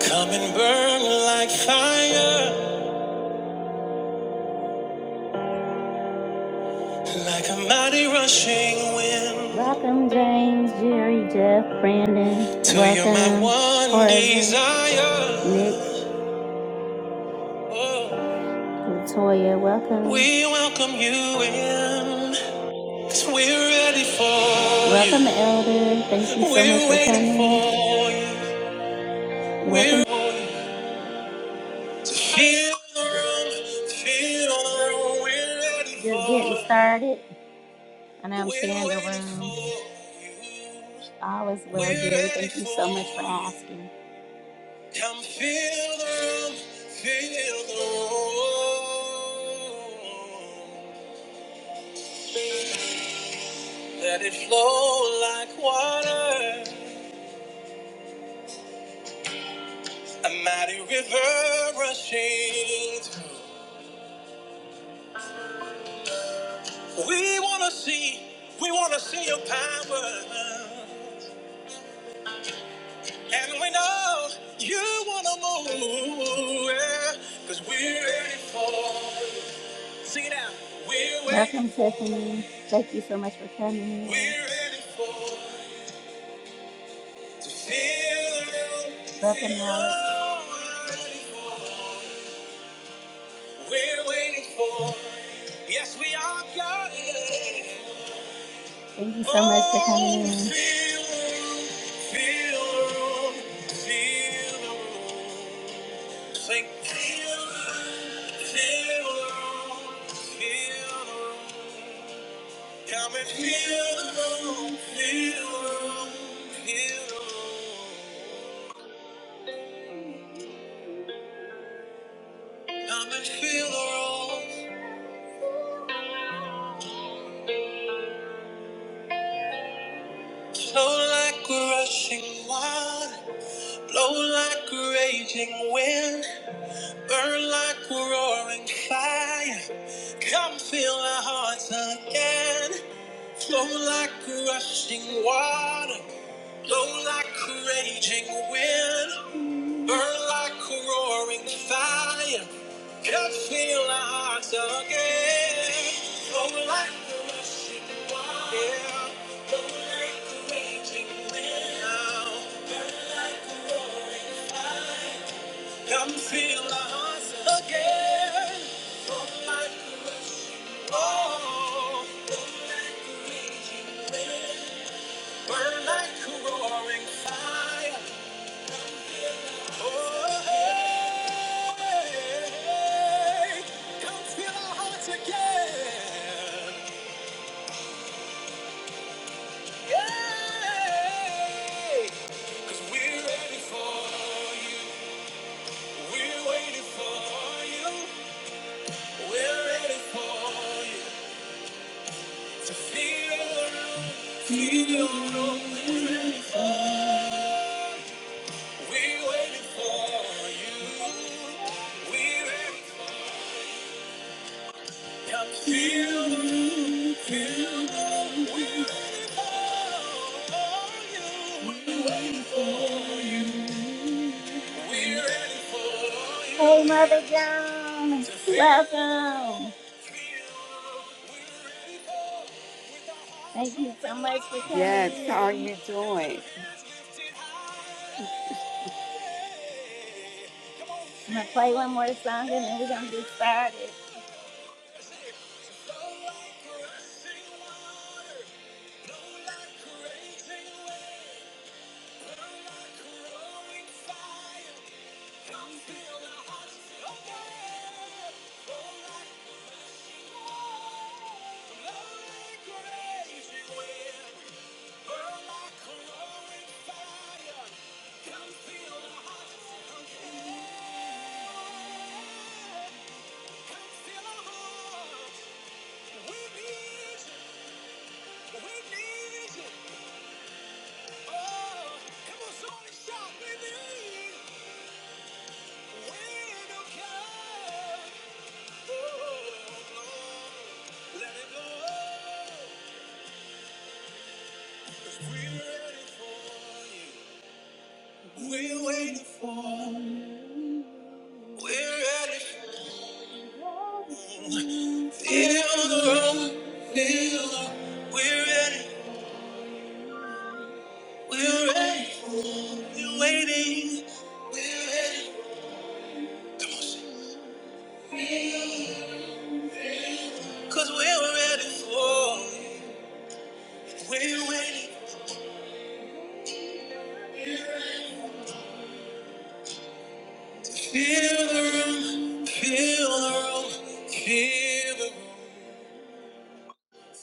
Come and burn like fire, like a mighty rushing wind. Welcome, James, Jerry, Jeff, Brandon. Till you my Welcome, one Jorge, desire. Nick, Oh. Latoya, welcome. We welcome you in, we are ready for you. Welcome, Elder. Thank you so we're much We're for waiting coming. For you. Welcome. We're Welcome. To feel the room, to feel the room, we're ready Just for getting you. started. And I'm sharing the room. All is well, Jerry. Thank you so much for asking. Come feel the room, feel the room. Let it flow like water, a mighty river rushing. through. We wanna see, we wanna see your power. And we know you wanna move, yeah, cause we're ready for. Sing it out. We're Welcome, ready for- Tiffany. Thank you so much for coming. We're ready for to feel. it. Welcome, feel Alex. We're ready for. We're waiting for. Yes, we are God. Thank you so much for coming in. Oh, feel the feel the room, feel the room. Sing. Feel, feel the room, feel the room. Come and feel the room, feel the room, feel the room. Come and feel the room. Flow like a rushing water, blow like a raging wind. Burn like a roaring fire. Come fill our hearts again. Flow like a rushing water. Blow like a raging wind. Burn like a roaring fire. Come fill our hearts again. Flow like a rushing water. Yeah. Blow like a raging wind. Burn like a roaring fire. Come feel us again. Oh, my goodness. Oh, burn like a roaring fire. Oh, hey. hey, hey. Come feel our hearts again. Yeah. 'Cause we're ready for you. We're waiting for you. We're ready for you. To feel your love, feel your love, we're waiting for. We're waiting for you. We're waiting for you. Feel your love, feel your love, we're waiting for you. We're waiting for you. Hey, Mother Joan, welcome. Thank you so much for coming Yes, how are in. you doing? I'm gonna play one more song and then we're gonna get started. Come fill the hearts again. Oh, like the rushing water. Slowly grazing wind. Burn like a roaring fire. Come fill the hearts again. Come fill our hearts. We need you. We need you. Oh, come on, somebody shout. We need wind of God. 'Cause We're waiting for. We're ready for. Feel the room. Feel the. We're ready. We're ready. We're waiting. We're ready. Come on, sing. Cause we're ready for We're waiting. Feel the room, feel the room, feel the room.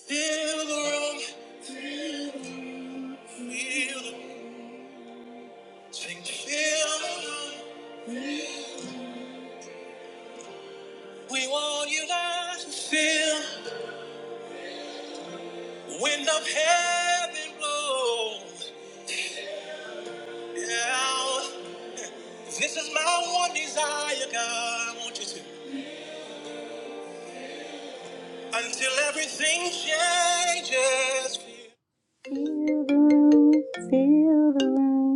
Feel the room, feel the feel the sing, feel the room. We want you guys to feel the wind of heaven blow. Yeah, this is my one desire, God. I want you to until everything changes. Feel the room, feel the room.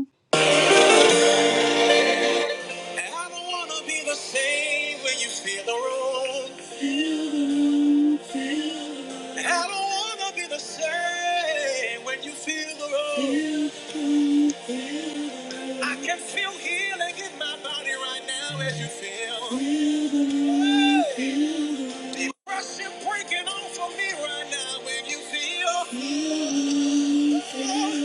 And I don't wanna be the same when you feel the room. And I don't wanna be the same when you feel the room. I can feel healing in my body right now as you feel. Hey. Depression breaking off of me right now when you feel.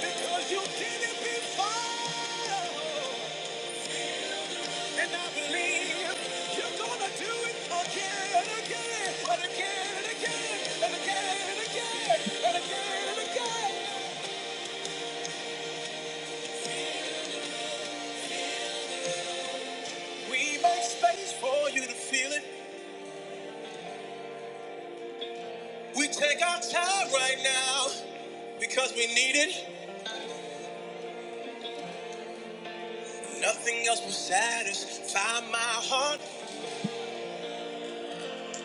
Because you did it before. And I believe you're gonna do it again and again and again and again and again and again and again and again. We make space for you to feel it. We take our time right now because we need it. Nothing else will satisfy my heart.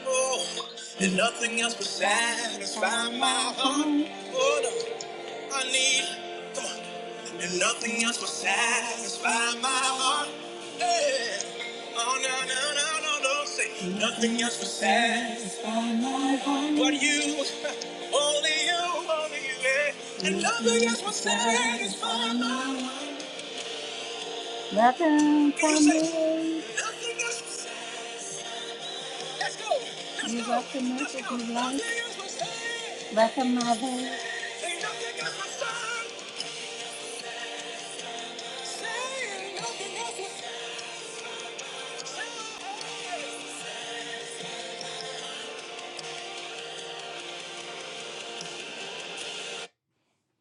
Oh, and nothing else will satisfy my heart. Oh, no, I need, come on. And nothing else will satisfy my heart. Hey. Oh, no, no, no, no, no, say nothing else will satisfy my heart. But you, only you, only you, yeah. And nothing else will satisfy my heart. Nothing for me. Let's go. Let's You go. recognize it, you like, recognize it.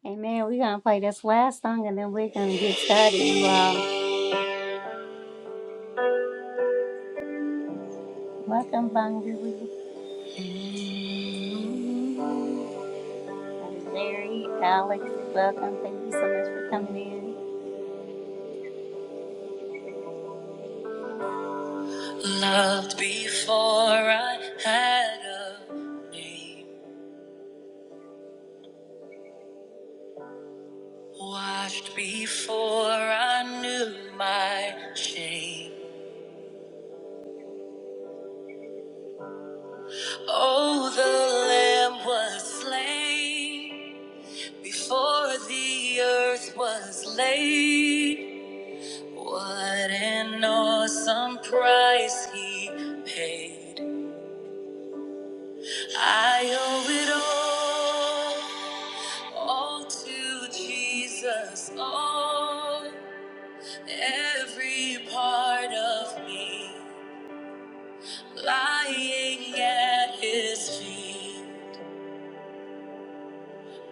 Amen. We're gonna play this last song and then we're gonna get started, you all. Welcome, Bungary Larry, Alex. Welcome. Thank you so much for coming in. Loved before I had a name, watched before I knew my shame. Oh, the Lamb was slain before the earth was laid. What an awesome price he paid. I owe it all, all to Jesus, all, every part of me lying at his feet.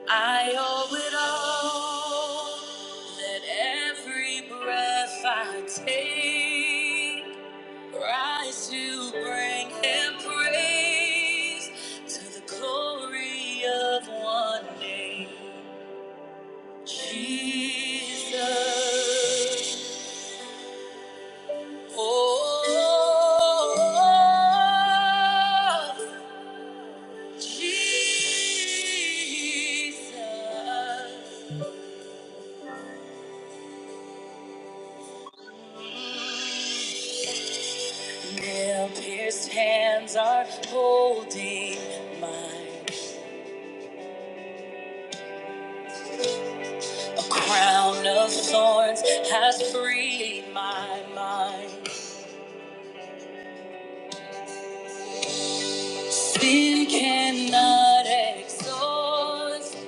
I owe it all that every breath I take rise to bring him praise to the glory of one name, Jesus. Oh, Jesus. Nail pierced hands are holding mine. A crown of thorns has freed my mind. Sin cannot exhaust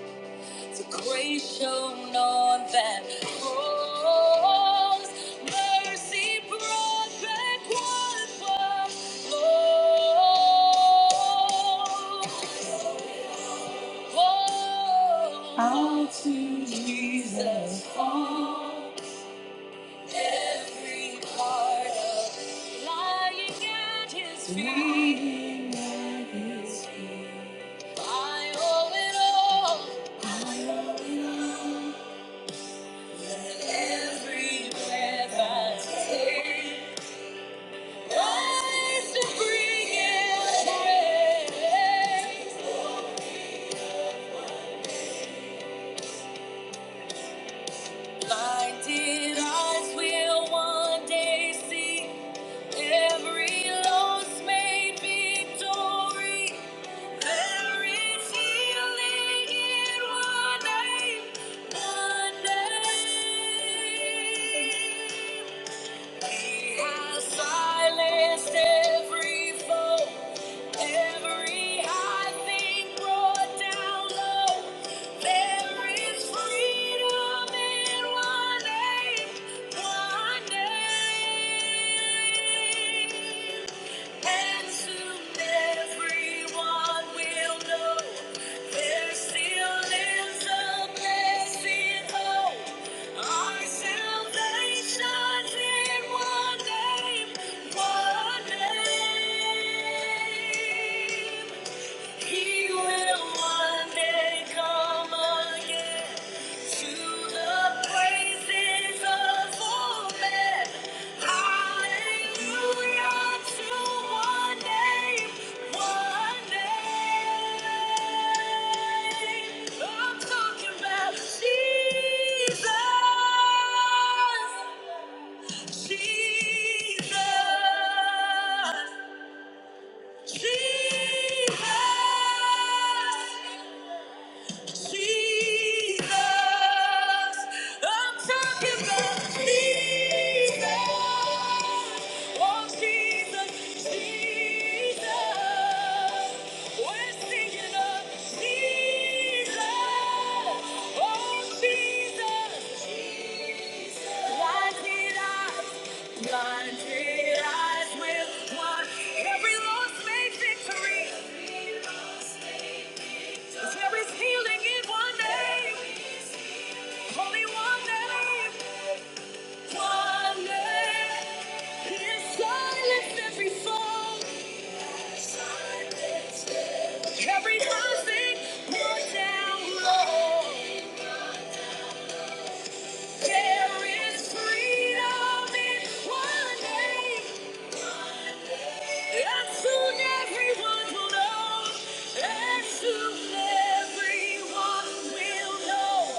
the grace shown on that cross. Mercy brought back what was lost. All to Jesus all every part of me, lying at his feet. Lying at His feet. I owe it all. I owe it all. Every breath I take, rise to bring it praise. Blinded eyes will one day see. Every loss made victory. There is healing in one name, one name. He has silenced every foe, every high thing brought down low. There is freedom in one name, one name. And soon everyone will know there still lives a blessed hope. Our salvation's in one name, one name. He will one day come again to the praises of all men. Hallelujah to one name, one name. I'm talking about Jesus. Jesus. Jesus. Jesus, I'm talking about Jesus. Oh, Jesus, Jesus. We're singing of Jesus. Oh, Jesus, Jesus. Blinded eyes, blinded eyes will blind. Every loss made victory. There is healing in one name. Only one name. One name. He'll silence every phone. Every person brought down low. There is freedom in one name. And soon everyone will know. And soon everyone will know.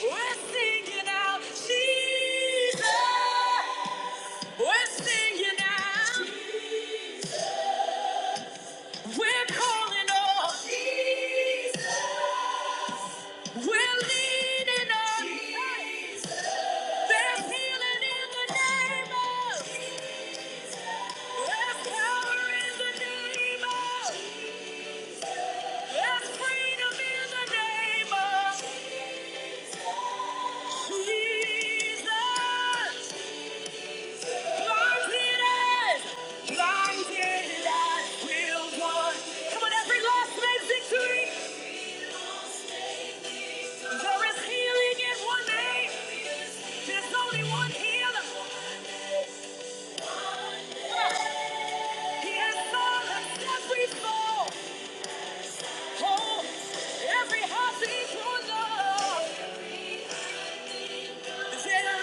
Yeah, we're singing out Jesus. We're singing now. Jesus. We're calling on Jesus. We're leaning on Jesus. There's healing in the name of Jesus. There's power in the name of Jesus. There's freedom in the name of Jesus. Jesus. There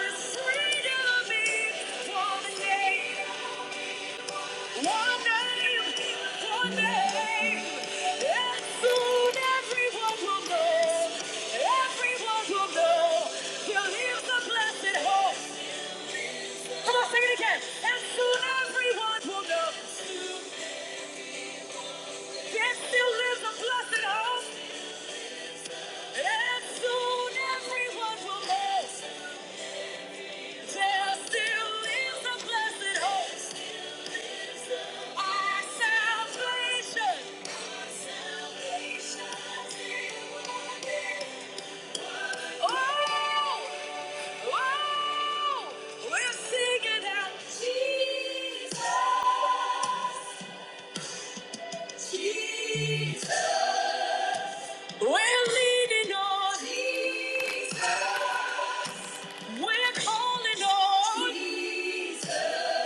is freedom in your name. One name, one name, and soon everyone will know, everyone will know, he blessed hope. And soon everyone will know, he still lives a blessed hope. And soon everyone will know. still lives a blessed hope. Our salvation. Oh, oh, we're singing out Jesus. We're leaning on Jesus. We're calling on Jesus.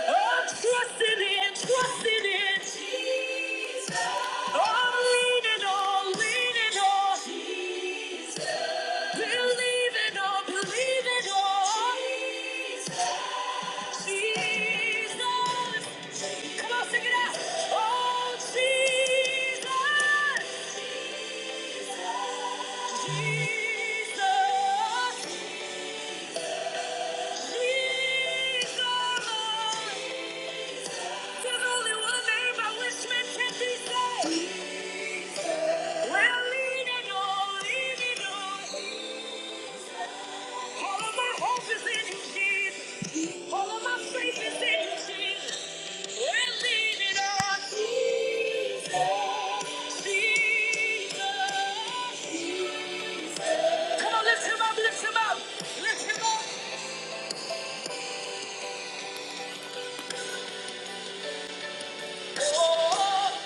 I'm trusting in, trusting in Jesus. I'm leaning on, leaning on Jesus. Believing on, believing on Jesus. Jesus. Come on, sing it out. Oh, Jesus. Jesus. Jesus. There's only one name by which men can be saved. Well, leaning on, leaning All of my hope is in Jesus. All of my faith is in you, Jesus. Well, leaning on, Jesus, Jesus. Come on, lift him up, lift him up, lift him up. Oh.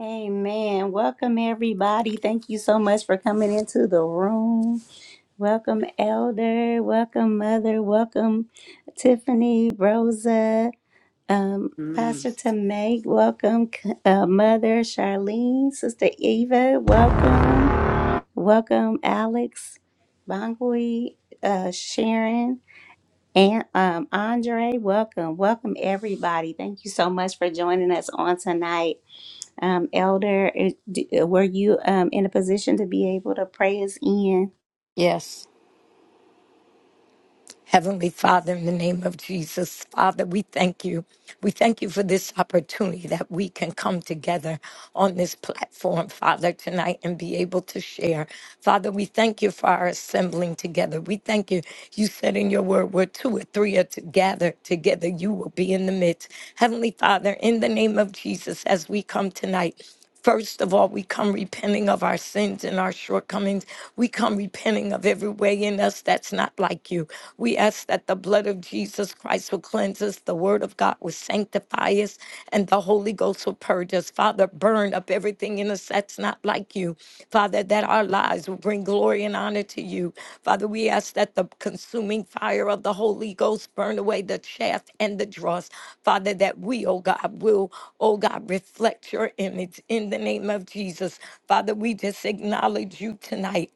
Amen. Welcome, everybody. Thank you so much for coming into the room. Welcome, Elder. Welcome, Mother. Welcome, Tiffany, Rosa, um, Mm. Pastor Tamay. Welcome, uh, Mother Charlene, Sister Eva. Welcome. Welcome, Alex, Bangui, uh, Sharon, and um, Andre. Welcome. Welcome, everybody. Thank you so much for joining us on tonight. Um, Elder, it- d- were you um, in a position to be able to pray us in? Yes. Heavenly Father, in the name of Jesus, Father, we thank you. We thank you for this opportunity that we can come together on this platform, Father, tonight and be able to share. Father, we thank you for our assembling together. We thank you. You said in your word, where two or three are to gather together, you will be in the midst. Heavenly Father, in the name of Jesus, as we come tonight, First of all, we come repenting of our sins and our shortcomings. We come repenting of every way in us that's not like you. We ask that the blood of Jesus Christ will cleanse us, the word of God will sanctify us, and the Holy Ghost will purge us. Father, burn up everything in us that's not like you you, Father, that our lives will bring glory and honor to you. Father, we ask that the consuming fire of the Holy Ghost burn away the chaff and the dross. Father, that we, oh God, will, oh God, reflect your image in the name of Jesus. Father, we just acknowledge you tonight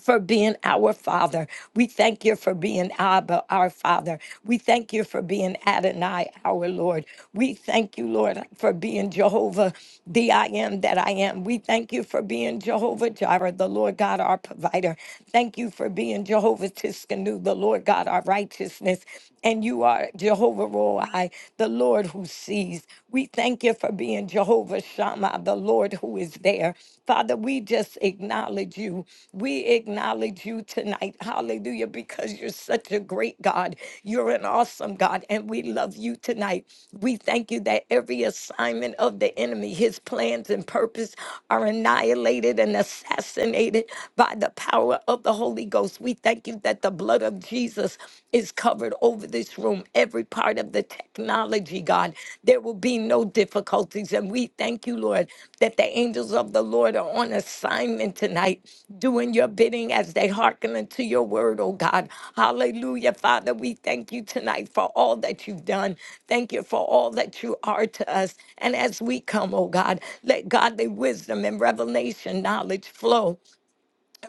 for being our Father. We thank you for being Abba, our Father. We thank you for being Adonai, our Lord. We thank you, Lord, for being Jehovah, the I am that I am. We thank you for being Jehovah Jireh, the Lord God, our provider. Thank you for being Jehovah Tiskanu, the Lord God, our righteousness. And you are Jehovah Roi, the Lord who sees. We thank you for being Jehovah Shammah, the Lord who is there. Father, we just acknowledge you. We acknowledge you tonight. Hallelujah, because you're such a great God. You're an awesome God, and we love you tonight. We thank you that every assignment of the enemy, his plans and purpose are annihilated and assassinated by the power of the Holy Ghost. We thank you that the blood of Jesus is covered over this room, every part of the technology, God. There will be no difficulties. And we thank you, Lord, that the angels of the Lord are on assignment tonight, doing your bidding as they hearken unto your word, oh God. Hallelujah, Father. We thank you tonight for all that you've done. Thank you for all that you are to us. And as we come, oh God, let godly wisdom and revelation knowledge flow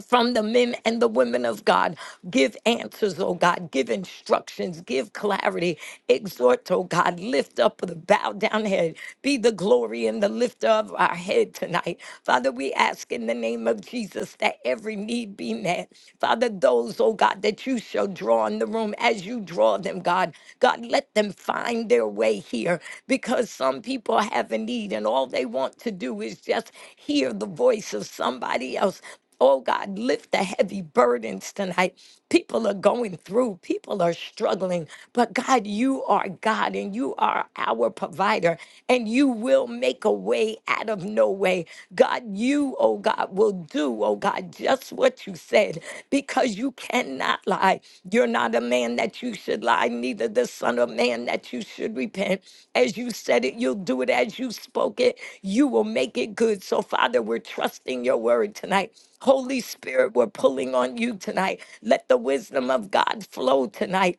from the men and the women of God. Give answers, oh God. Give instructions. Give clarity. Exhort, oh God. Lift up the bowed down head. Be the glory and the lifter of our head tonight. Father, we ask in the name of Jesus that every need be met. Father, those, oh God, that you shall draw in the room as you draw them, God. God, let them find their way here because some people have a need and all they want to do is just hear the voice of somebody else Oh God, lift the heavy burdens tonight. People are going through, people are struggling, but God, you are God and you are our provider, and you will make a way out of no way. God, you, oh God, will do, oh God, just what you said because you you cannot lie. You're not a man that you should lie, neither the son of man that you should repent. As you said it, you'll do it. As you spoke it, you will make it good. So, Father, we're trusting your word tonight. Holy Spirit, we're pulling on you tonight. Let the wisdom of God flow tonight.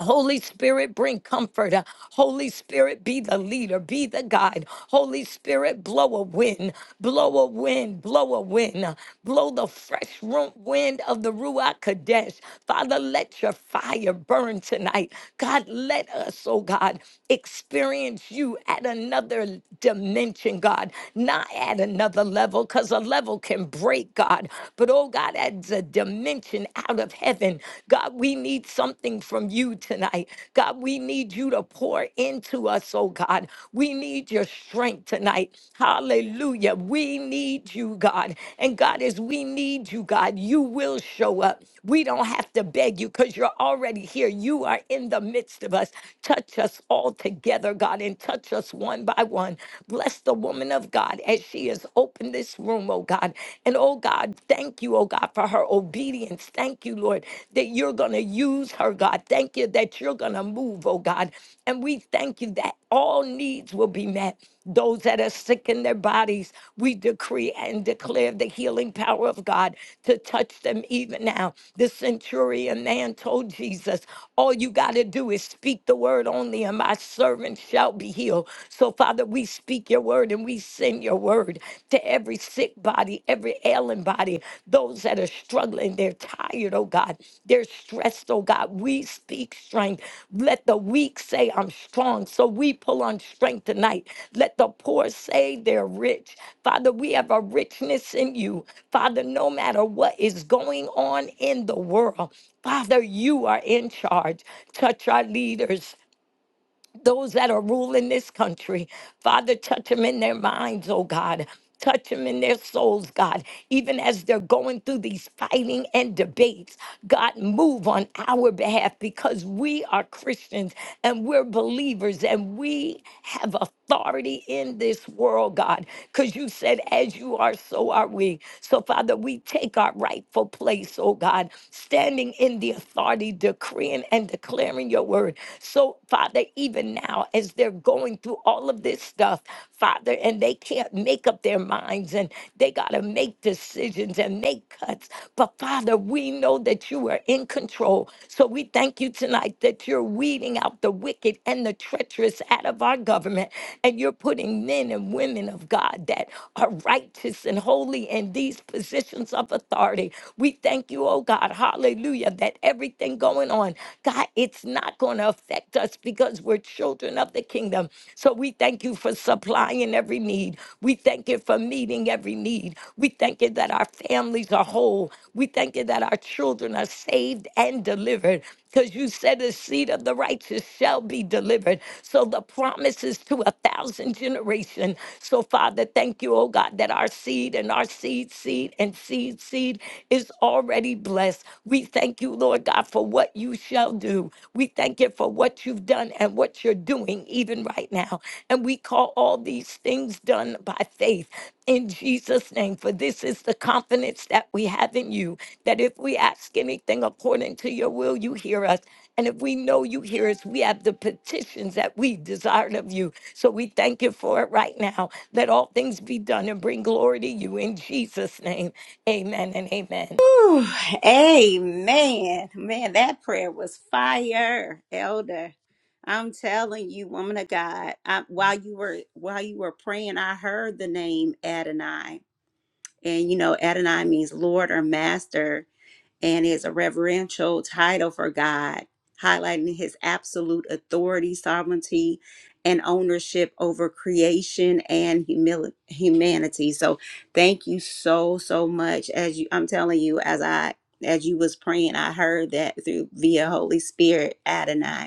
Holy Spirit, bring comfort. Uh, Holy Spirit, be the leader, be the guide. Holy Spirit, blow a wind, blow a wind, blow a wind, Uh, blow the fresh ru- wind of the Ruach Kadesh. Father, let your fire burn tonight. God, let us, oh God, experience you at another dimension, God, not at another level, because a level can break, God, but oh God, at the dimension intervention out of heaven. God, we need something from you tonight. God, we need you to pour into us, oh God. We need your strength tonight. Hallelujah. We need you, God. And God, as we need you, God, you will show up. We don't have to beg you because you're already here. You are in the midst of us. Touch us all together, God, and touch us one by one. Bless the woman of God as she has opened this room, oh oh God. And oh God, thank you, oh God, for her obedience. Thank you, Lord, that you're going to use her, God. Thank you that you're going to move, oh God. And we thank you that all needs will be met. Those that are sick in their bodies, we decree and declare the healing power of God to touch them even now. The centurion man told Jesus, All you got to do is speak the word only, and my servant shall be healed. So, Father, we we speak your word and we send your word to every sick body, every ailing body, those that are struggling. They're tired, oh God. They're stressed, oh God. We speak strength. Let the weak say, I'm strong. So we pull on strength tonight. Let the poor say they're rich. Father, we have a richness in you. Father, no matter what is going on in the world, Father, you are in charge. Touch our leaders those that are ruling this country. Father, touch them in their minds, oh God. Touch them in their souls, God. Even as they're going through these fighting and debates, God, move on our behalf because we are Christians and we're believers and we have authority in this world, God. Because you said, as you are, so are we. So, Father, we take our rightful place, oh God, standing in the authority, decreeing and declaring your word word. So, Father, even now, as they're going through all of this stuff, Father, and they can't make up their minds and they got to make decisions and make cuts. But, Father, we know that you are in control. So, we thank you tonight that you're weeding out the wicked and the treacherous out of our government. And you're putting men and women of God that are righteous and holy in these positions of authority. We thank you, oh God, hallelujah, that everything going on on. God, it's not going to affect us because we're children of the kingdom. So we thank you for supplying every need. We thank you for meeting every need. We thank you that our families are whole. We thank you that our children are saved and delivered because you said the seed of the righteous shall be delivered. So the promise is to a thousand generation. So Father, thank you, oh God, that our seed and our seed, seed and seed, seed is already blessed. We Thank you, Lord God, for what you shall do. We thank you for what you've done and what you're doing even right now. And we call all these things done by faith in Jesus' name. For this is the confidence that we have in you that if we ask anything according to your will, you hear us. And if we know you hear us, we have the petitions that we desired of you. So we thank you for it right now. Let all things be done and bring glory to you in Jesus' name. Amen and amen. Ooh, amen. Man, that prayer was fire, Elder. I'm telling you, woman of God, I, while you were while you were praying, I heard the name Adonai. And you know, Adonai means Lord or Master. and is a reverential title for God, highlighting his absolute authority, sovereignty, and ownership over creation and humili- humanity. So thank you so so much as you I'm telling you as I as you was praying, I heard that through via Holy Spirit Adonai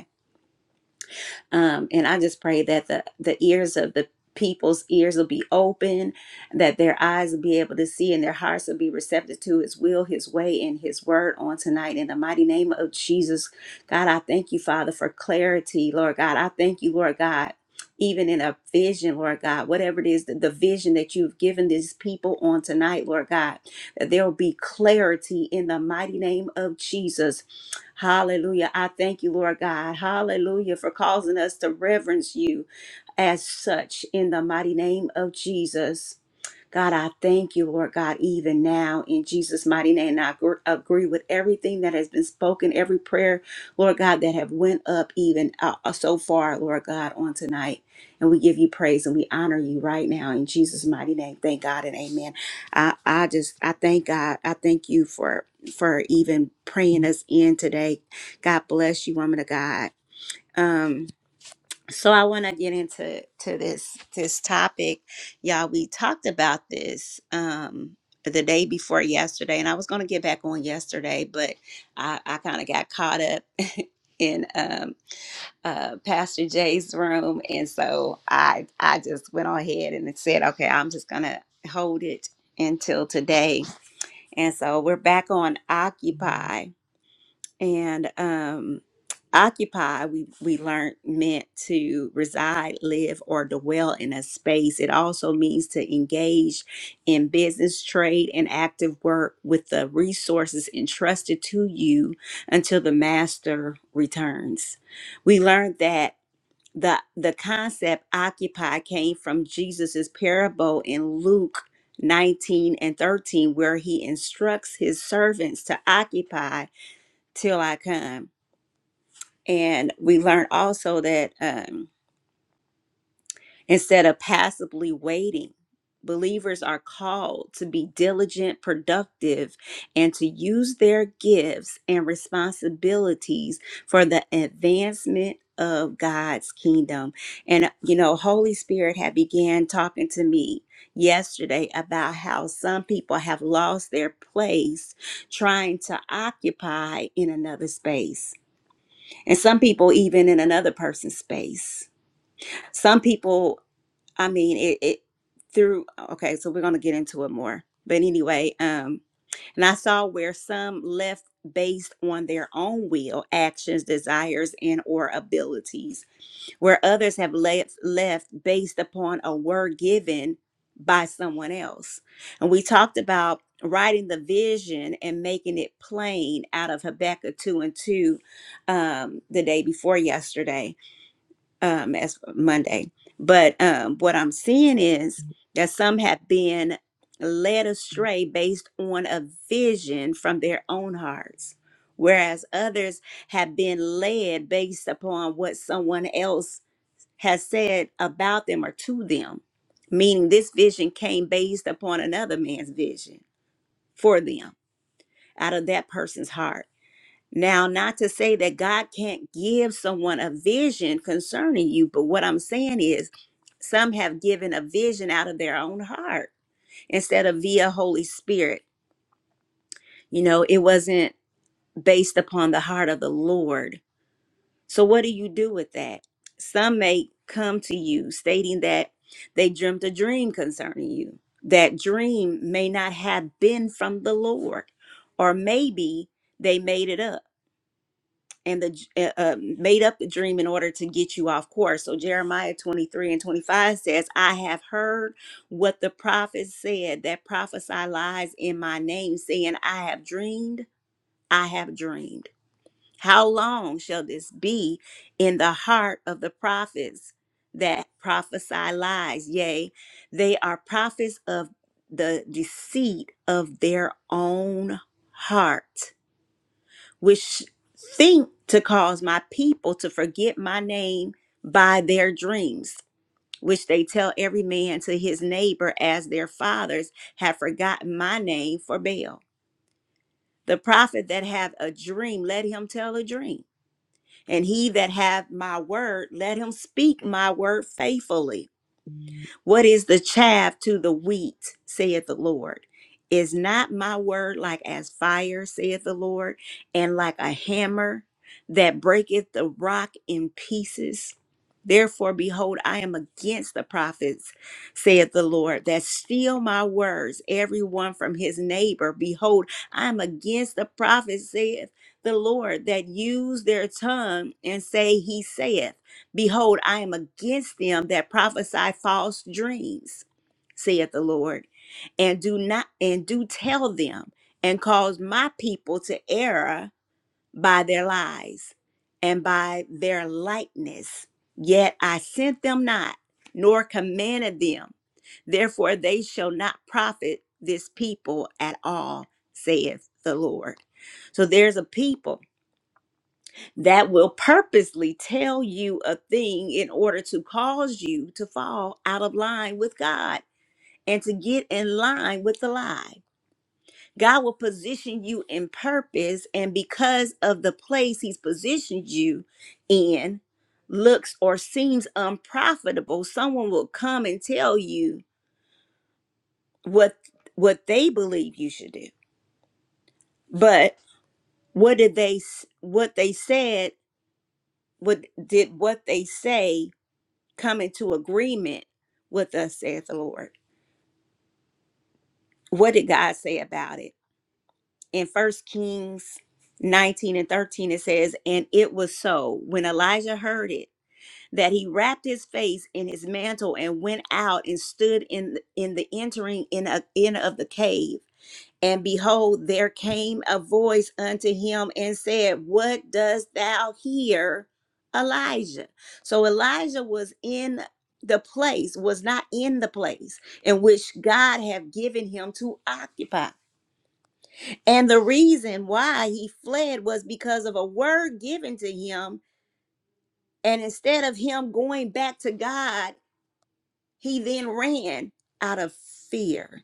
um, and I just pray that the, the ears of the people's ears will be open, that their eyes will be able to see, and their hearts will be receptive to His will, His way, and His word on tonight. In the mighty name of Jesus, God, I thank you, Father, for clarity, Lord God. I thank you, Lord God. Even in a vision, Lord God, whatever it is, the, the vision that you've given these people on tonight, Lord God, that there will be clarity in the mighty name of Jesus Hallelujah. I thank you, Lord God. Hallelujah for causing us to reverence you as such in the mighty name of Jesus. God, I thank you, Lord God, even now in Jesus' mighty name. And I agr- agree with everything that has been spoken, every prayer, Lord God, that have went up even uh, uh, so far, Lord God, on tonight. And we give you praise and we honor you right now in Jesus' mighty name. Thank God and amen. I, I just, I thank God. I thank you for, for even praying us in today. God bless you, woman of God. Um, so i want to get into to this this topic y'all we talked about this um the day before yesterday and i was going to get back on yesterday but i i kind of got caught up in um uh pastor jay's room and so i i just went on ahead and said okay i'm just gonna hold it until today and so we're back on occupy and um occupy we we learned meant to reside live or dwell in a space it also means to engage in business trade and active work with the resources entrusted to you until the master returns we learned that the the concept occupy came from jesus's parable in luke 19 and 13 where he instructs his servants to occupy till I come. And we learn also that um, instead of passively waiting, believers are called to be diligent, productive, and to use their gifts and responsibilities for the advancement of God's kingdom. And uh, you know, Holy Spirit had began talking to me yesterday about how some people have lost their place trying to occupy in another space and some people even in another person's space some people i mean it, it through okay so we're going to get into it more but anyway um and i saw where some left based on their own will actions desires and or abilities where others have left, left based upon a word given by someone else. And we talked about writing the vision and making it plain out of Habakkuk 2 and 2 um, the day before yesterday, um, as Monday. But um, what I'm seeing is that some have been led astray based on a vision from their own hearts, whereas others have been led based upon what someone else has said about them or to them, meaning this vision came based upon another man's vision for them out of that person's heart. Now, not to say that God can't give someone a vision concerning you, but what I'm saying is some have given a vision out of their own heart instead of via Holy Spirit. You know, it wasn't based upon the heart of the Lord So, what do you do with that? Some may come to you stating that they dreamt a dream concerning you. That dream may not have been from the Lord, or maybe they made it up and the uh, uh, made up the dream in order to get you off course. So Jeremiah 23 and 25 says, "I have heard what the prophets said that prophesy lies in my name, saying, I have dreamed, I have dreamed." How long shall this be in the heart of the prophets that prophesy lies? Yea, they are prophets of the deceit of their own heart, which think to cause my people to forget my name by their dreams. Which they tell every man to his neighbor, as their fathers have forgotten my name for Baal. The prophet that hath a dream, let him tell a dream and he that hath my word, let him speak my word faithfully. What is the chaff to the wheat, saith the Lord? Is not my word like as fire, saith the Lord, and like a hammer that breaketh the rock in pieces? Therefore, behold, I am against the prophets, saith the Lord, that steal my words, every one from his neighbor. Behold, I am against the prophets, saith the Lord, that use their tongue and say, He saith. Behold, I am against them that prophesy false dreams, saith the Lord, and do not and do tell them, and cause my people to err by their lies and by their lightness. Yet I sent them not, nor commanded them. Therefore they shall not profit this people at all, saith the Lord. So there's a people that will purposely tell you a thing in order to cause you to fall out of line with God and to get in line with the lie. God will position you in purpose, and because of the place He's positioned you in, looks or seems unprofitable, someone will come and tell you what what they believe you should do. But what did they s- what they said? What did what they say come into agreement with us, saith the Lord. What did God say about it? In First Kings 19 and 13, it says, And it was so when Elijah heard it that he wrapped his face in his mantle and went out and stood in, in the entering in, a, in of the cave. And behold, there came a voice unto him and said, What dost thou hear, Elijah? So Elijah was in the place, was not in the place in which God had given him to occupy. And the reason why he fled was because of a word given to him. And instead of him going back to God, he then ran out of fear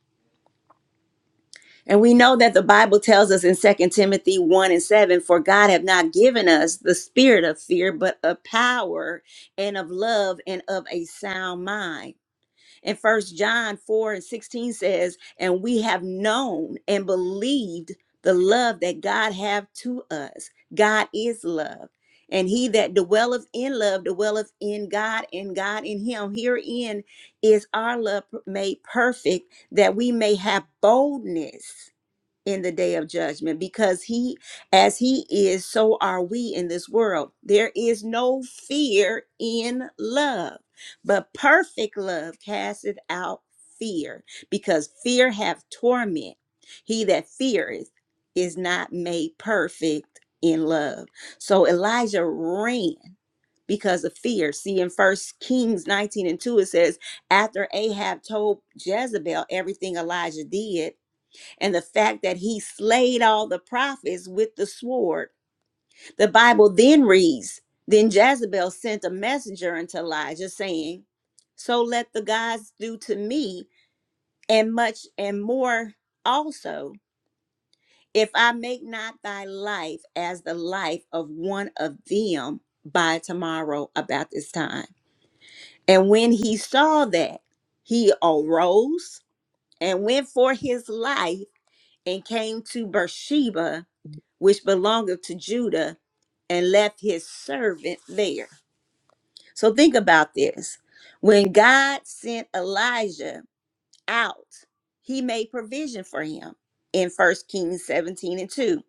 And we know that the Bible tells us in Second Timothy 1 and 7 For God have not given us the spirit of fear, but of power and of love and of a sound mind. And First John 4 and 16 says, And we have known and believed the love that God have to us. God is love. And he that dwelleth in love dwelleth in God, and God in him. Herein is our love made perfect, that we may have boldness in the day of judgment because he as he is so are we in this world there is no fear in love but perfect love casteth out fear because fear hath torment he that feareth is not made perfect in love so elijah ran because of fear see in first kings 19 and 2 it says after ahab told jezebel everything elijah did and the fact that he slayed all the prophets with the sword. The Bible then reads Then Jezebel sent a messenger unto Elijah, saying, So let the gods do to me, and much and more also, if I make not thy life as the life of one of them by tomorrow about this time. And when he saw that, he arose and went for his life and came to Beersheba which belongeth to Judah, and left his servant there. So think about this. When God sent Elijah out, he made provision for him in 1 Kings 17 and 2.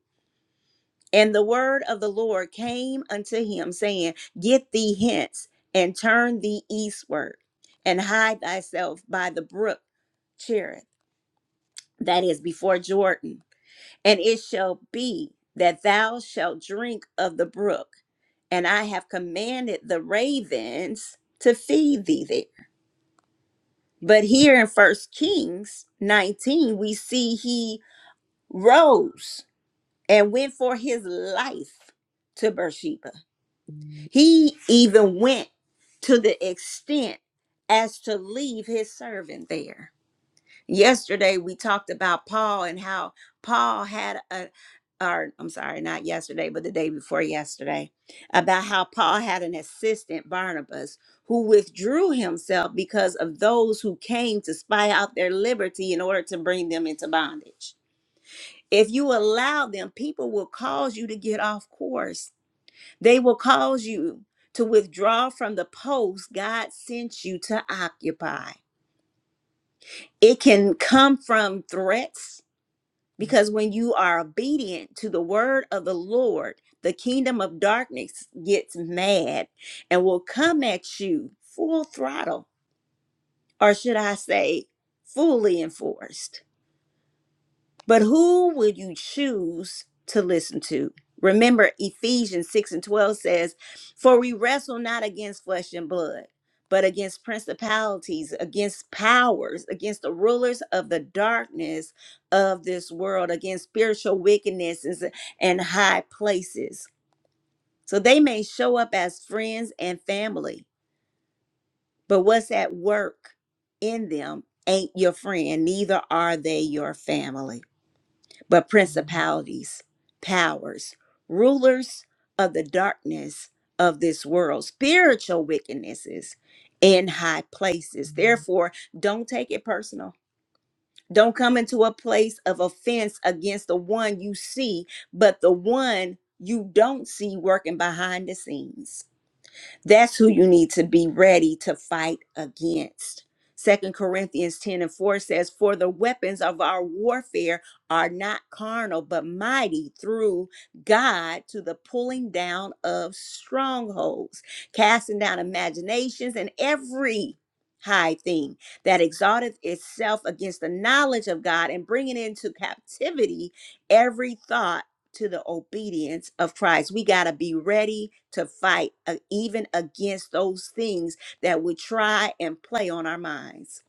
And the word of the Lord came unto him, saying, Get thee hence and turn thee eastward, and hide thyself by the brook Cherith, that is before Jordan. And it shall be that thou shalt drink of the brook and I have commanded the ravens to feed thee there. But here in First Kings 19, we see he rose and went for his life to Beersheba. He even went to the extent as to leave his servant there. Yesterday we talked about Paul and how Paul had a or I'm sorry, not yesterday, but the day before yesterday, about how Paul had an assistant Barnabas who withdrew himself because of those who came to spy out their liberty in order to bring them into bondage. If you allow them, people will cause you to get off course. They will cause you to withdraw from the post God sent you to occupy. It can come from threats Because when you are obedient to the word of the Lord, the kingdom of darkness gets mad and will come at you full throttle, or should I say, fully enforced. But who will you choose to listen to? Remember, Ephesians 6 and 12 says, For we wrestle not against flesh and blood, but against principalities, against powers, against the rulers of the darkness of this world, against spiritual wickednesses and high places. So they may show up as friends and family, but what's at work in them ain't your friend, neither are they your family but principalities, powers, rulers of the darkness of this world, spiritual wickednesses in high places. Therefore, don't take it personal. Don't come into a place of offense against the one you see, but the one you don't see working behind the scenes. That's who you need to be ready to fight against. Second Corinthians 10 and 4 says, For the weapons of our warfare are not carnal, but mighty through God to the pulling down of strongholds, casting down imaginations and every high thing that exalteth itself against the knowledge of God and bringing into captivity every thought to the obedience of Christ. We got to be ready to fight uh, even against those things that would try and play on our minds.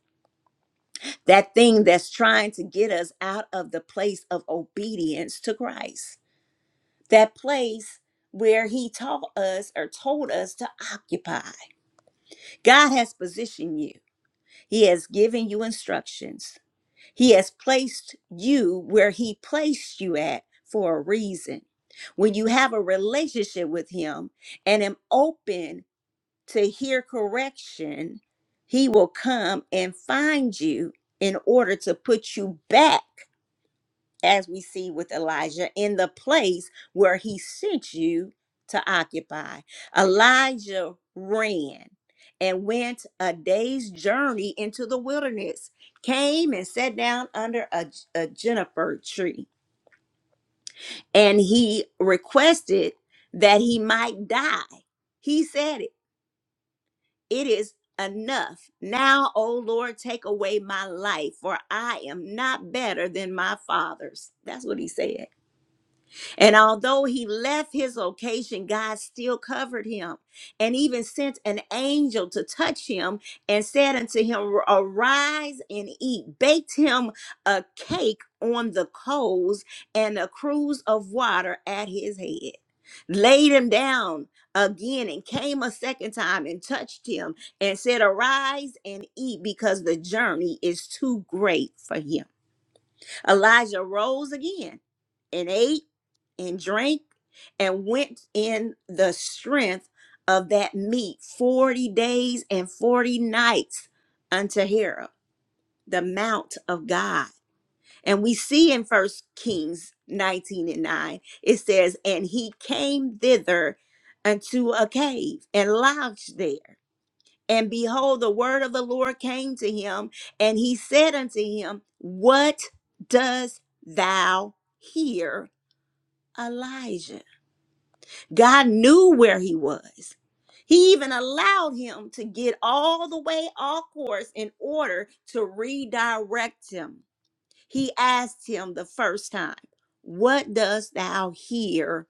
That thing that's trying to get us out of the place of obedience to Christ. That place where he taught us or told us to occupy. God has positioned you. He has given you instructions. He has placed you where He placed you at for a reason. When you have a relationship with Him and am open to hear correction, He will come and find you in order to put you back as we see with Elijah, in the place where he sent you to occupy. Elijah ran and went a day's journey into the wilderness, came and sat down under a, a juniper tree, and he requested that he might die. He said, It is enough. Now, O Lord, take away my life, for I am not better than my fathers. That's what he said. And although he left his location, God still covered him and even sent an angel to touch him and said unto him, Arise and eat. Baked him a cake on the coals and a cruse of water at his head. Laid him down again and came a second time and touched him and said, Arise and eat because the journey is too great for him. Elijah rose again and ate and drank and went in the strength of that meat 40 days and 40 nights unto Hera, the mount of God. And we see in First Kings 19 and 9, it says, And he came thither unto a cave and lodged there. And behold, the word of the Lord came to him, and he said unto him, What does thou hear, Elijah? God knew where he was. He even allowed him to get all the way off course in order to redirect him. He asked him the first time, What does thou hear,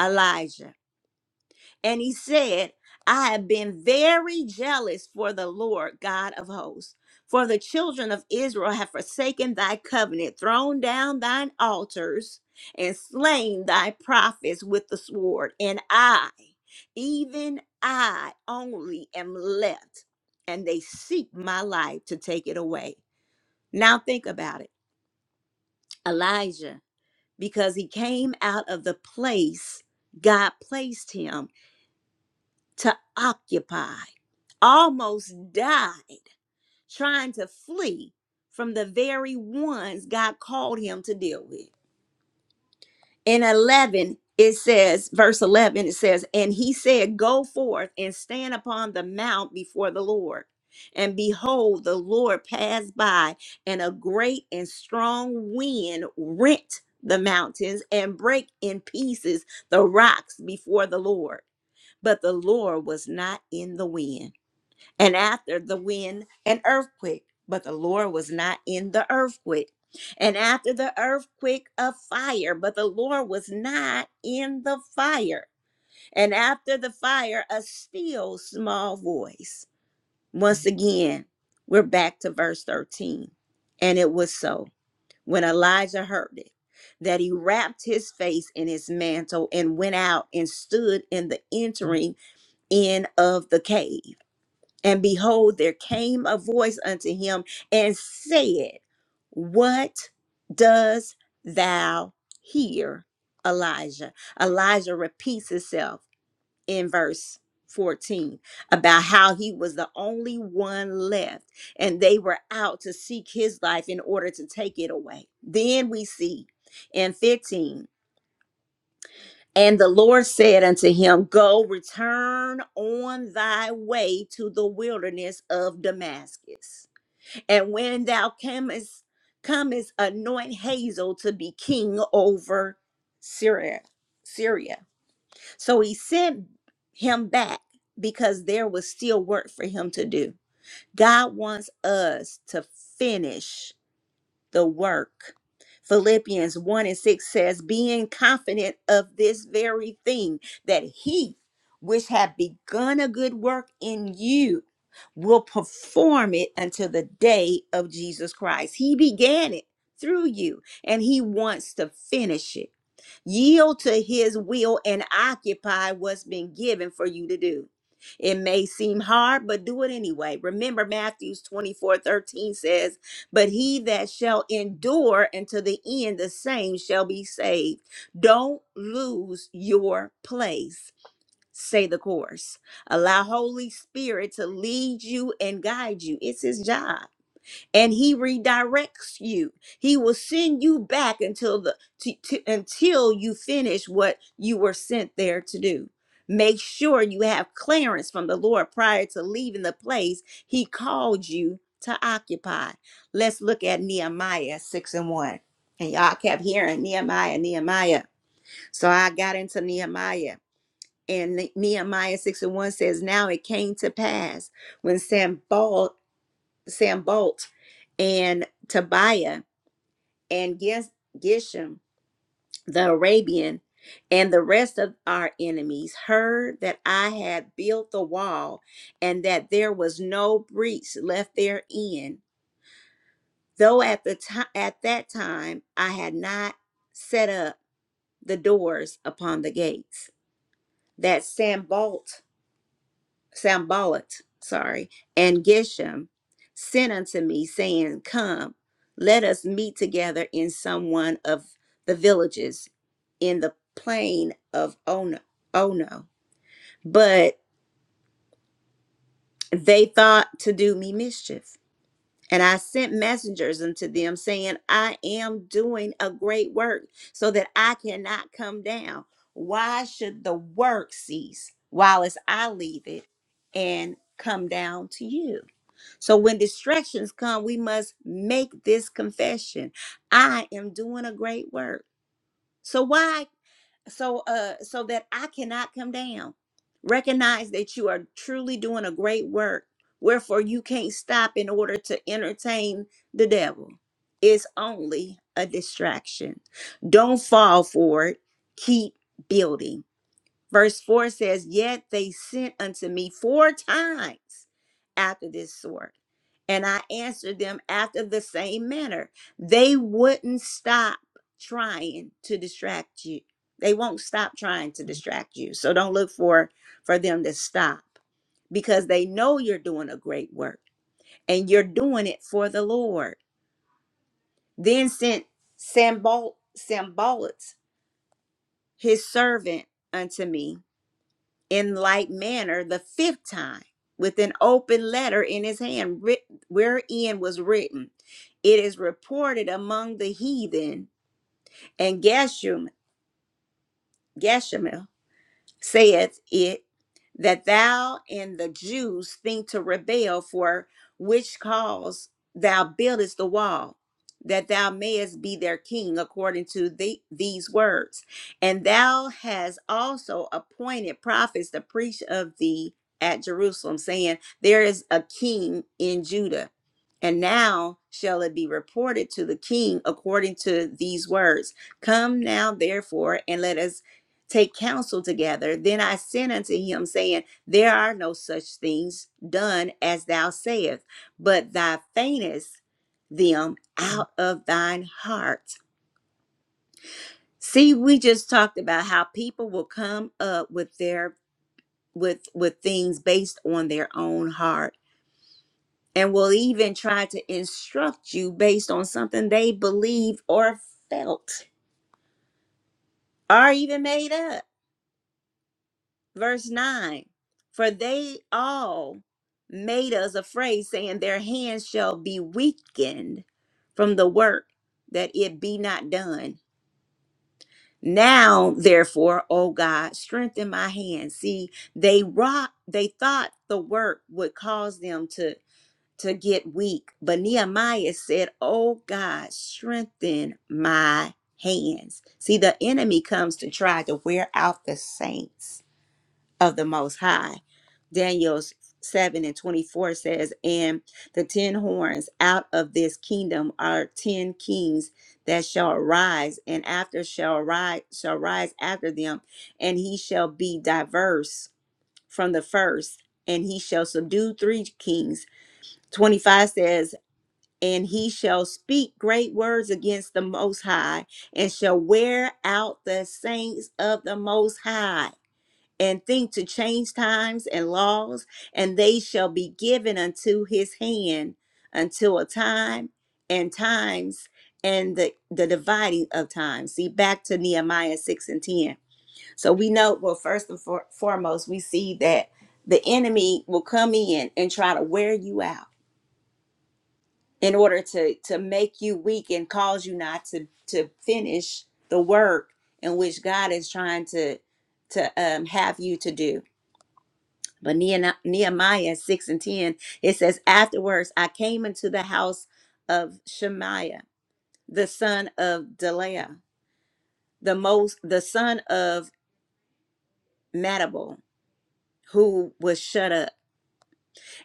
Elijah? And he said, I have been very jealous for the Lord God of hosts. For the children of Israel have forsaken thy covenant, thrown down thine altars, and slain thy prophets with the sword. And I, even I only am left, and they seek my life to take it away. Now think about it Elijah, because he came out of the place God placed him to occupy. almost died trying to flee from the very ones God called him to deal with. In 11, it says, verse 11, it says, And he said, Go forth and stand upon the mount before the Lord. And behold, the Lord passed by, and a great and strong wind rent the mountains and brake in pieces the rocks before the Lord. But the Lord was not in the wind and after the wind an earthquake but the lord was not in the earthquake and after the earthquake a fire but the lord was not in the fire and after the fire a still small voice once again we're back to verse 13 and it was so when elijah heard it that he wrapped his face in his mantle and went out and stood in the entering in of the cave and behold, there came a voice unto him and said, What does thou hear, Elijah? Elijah repeats himself in verse 14 about how he was the only one left and they were out to seek his life in order to take it away. Then we see in 15. And the Lord said unto him, Go, return on thy way to the wilderness of Damascus. And when thou comest, comest anoint Hazael to be king over Syria. Syria. So he sent him back because there was still work for him to do. God wants us to finish the work. Philippians 1 and 6 says, Being confident of this very thing, that he which have begun a good work in you will perform it until the day of Jesus Christ. He began it through you, and he wants to finish it. Yield to his will and occupy what's been given for you to do. It may seem hard, but do it anyway. Remember, Matthew 24 13 says, but he that shall endure until the end, the same shall be saved. Don't lose your place. Say the course. Allow Holy Spirit to lead you and guide you. It's his job and he redirects you he will send you back until the to, to- until you finish what you were sent there to do make sure you have clearance from the lord prior to leaving the place he called you to occupy let's look at nehemiah 6 and 1 and y'all kept hearing nehemiah nehemiah so i got into nehemiah and Ne- nehemiah 6 and 1 says now it came to pass when Sam Sam Bolt and Tobiah and Ges- Geshem the Arabian and the rest of our enemies heard that I had built the wall and that there was no breach left therein, though at the time at that time I had not set up the doors upon the gates. That Sambault Sambalat, sorry, and Geshem sent unto me, saying, Come, let us meet together in some one of the villages in the plain of Ono. Ono. But they thought to do me mischief. And I sent messengers unto them, saying, I am doing a great work, so that I cannot come down. Why should the work cease while as I leave it and come down to you? So when distractions come, we must make this confession. I am doing a great work. So why so uh so that I cannot come down. Recognize that you are truly doing a great work. Wherefore you can't stop in order to entertain the devil. It's only a distraction. Don't fall for it. Keep building. Verse 4 says, Yet they sent unto me four times after this sort, and I answered them after the same manner. They wouldn't stop trying to distract you. They won't stop trying to distract you. So don't look for for them to stop because they know you're doing a great work and you're doing it for the Lord. Then sent Sambal Sambalat, his servant, unto me in like manner the fifth time with an open letter in his hand writ- wherein was written it is reported among the heathen and geshem Geshem saith it that thou and the Jews think to rebel, for which cause thou buildest the wall, that thou mayest be their king, according to the, these words. And thou hast also appointed prophets to preach of thee at Jerusalem, saying, There is a king in Judah. And now shall it be reported to the king according to these words. Come now, therefore, and let us take counsel together. Then I sent unto him, saying, There are no such things done as thou sayest, but thou feignest them out of thine heart. See, we just talked about how people will come up with their with with things based on their own heart and will even try to instruct you based on something they believe or felt or even made up. verse 9 for they all made us afraid saying their hands shall be weakened from the work that it be not done now therefore o god strengthen my hands see they wrought they thought the work would cause them to to get weak but nehemiah said "O god strengthen my hands see the enemy comes to try to wear out the saints of the Most High. Daniel 7 and 24 says, And the ten horns out of this kingdom are ten kings that shall arise, and after shall rise, shall rise after them, and he shall be diverse from the first, and he shall subdue three kings. 25 says, and he shall speak great words against the Most High, and shall wear out the saints of the Most High and think to change times and laws, and they shall be given unto his hand until a time and times and the, the dividing of times. See, back to Nehemiah 6 and 10. So we know, well, first and for, foremost, we see that the enemy will come in and try to wear you out in order to, to make you weak and cause you not to, to finish the work in which God is trying to, to um, have you to do but Nehemi- Nehemiah 6 and 10, it says, Afterwards I came into the house of Shemaiah, the son of Deliah, the most the son of Madabel, who was shut up.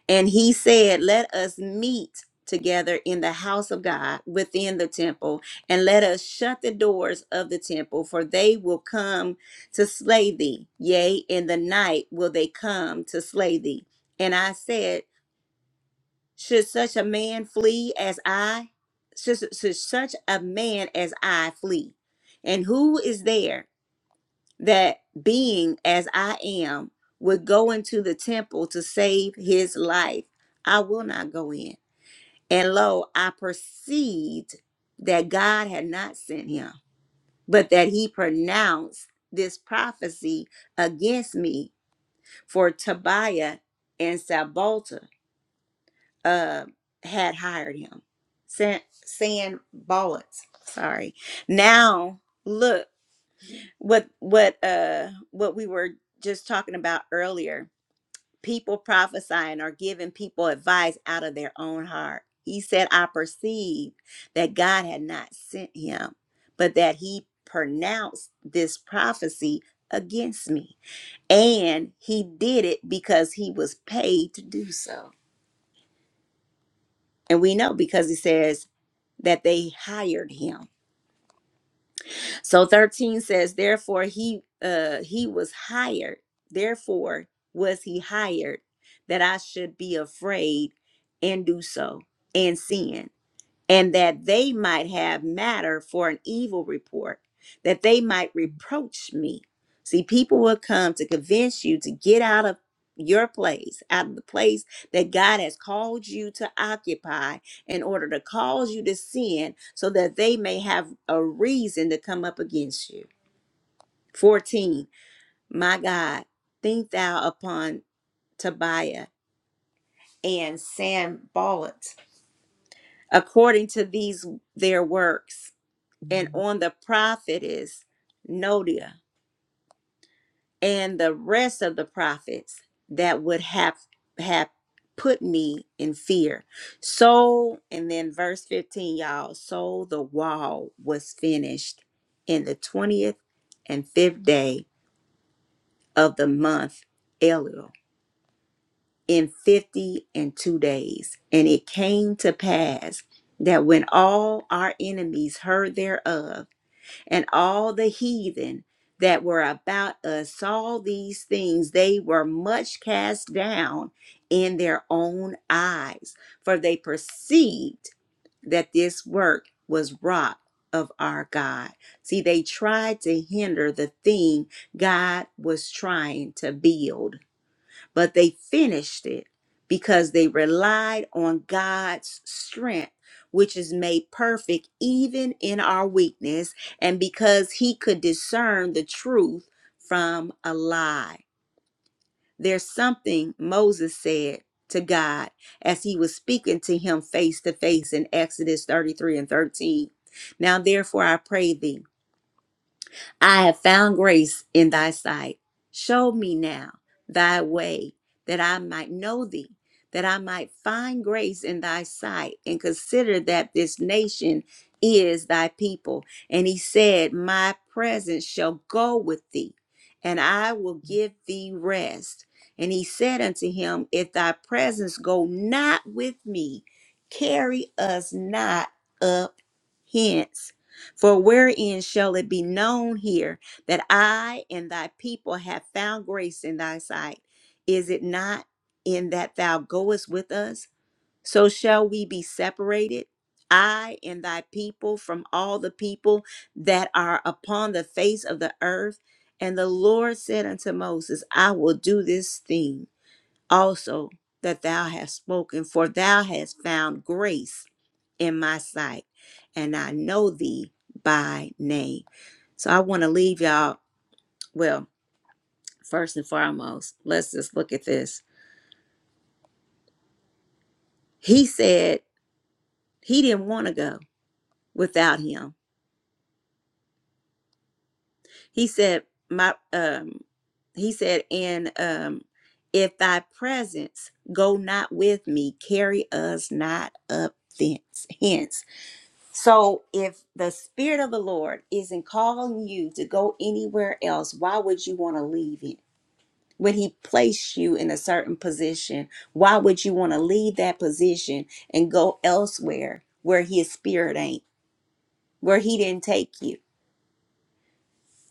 And he said, Let us meet together in the house of God within the temple, and let us shut the doors of the temple, for they will come to slay thee. Yea, in the night will they come to slay thee. And I said, Should such a man flee as I? Should, should such a man as I flee? And who is there that, being as I am, would go into the temple to save his life? I will not go in. And lo, I perceived that God had not sent him, but that he pronounced this prophecy against me for Tobiah and Sabalta uh, had hired him. San, San Bullets. Sorry. Now look what what uh what we were just talking about earlier. People prophesying or giving people advice out of their own heart. He said, I perceived that God had not sent him, but that he pronounced this prophecy against me. And he did it because he was paid to do so. And we know because he says that they hired him. So 13 says, therefore he uh he was hired. Therefore was he hired that I should be afraid and do so and sin and that they might have matter for an evil report, that they might reproach me. See, people will come to convince you to get out of your place, out of the place that God has called you to occupy in order to cause you to sin so that they may have a reason to come up against you. 14. My God, think thou upon Tobiah and Sanballat according to these their works and on the prophetess Nodia and the rest of the prophets that would have have put me in fear. So and then verse 15 y'all, so the wall was finished in the 20th and 5th day of the month Elul in 50 and 2 days. And it came to pass that when all our enemies heard thereof and all the heathen that were about us saw these things, they were much cast down in their own eyes, for they perceived that this work was wrought of our God. See, they tried to hinder the thing God was trying to build but they finished it because they relied on God's strength, which is made perfect even in our weakness, and because He could discern the truth from a lie. There's something Moses said to God as he was speaking to him face to face in Exodus 33 and 13. Now, therefore, I pray thee. I have found grace in thy sight. Show me now thy way, that I might know thee, that I might find grace in thy sight, and consider that this nation is thy people. And he said, My presence shall go with thee, and I will give thee rest. And he said unto him, If thy presence go not with me, carry us not up hence. For wherein shall it be known here that I and thy people have found grace in thy sight? Is it not in that thou goest with us? So shall we be separated, I and thy people, from all the people that are upon the face of the earth. And the Lord said unto Moses, I will do this thing also that thou hast spoken, for thou hast found grace in my sight, and I know thee by name. So I want to leave y'all. Well, first and foremost, let's just look at this. He said he didn't want to go without him. He said, My um he said, and um if thy presence go not with me, carry us not up thence hence. So if the spirit of the Lord isn't calling you to go anywhere else, why would you want to leave it? when he placed you in a certain position why would you want to leave that position and go elsewhere where his spirit ain't where he didn't take you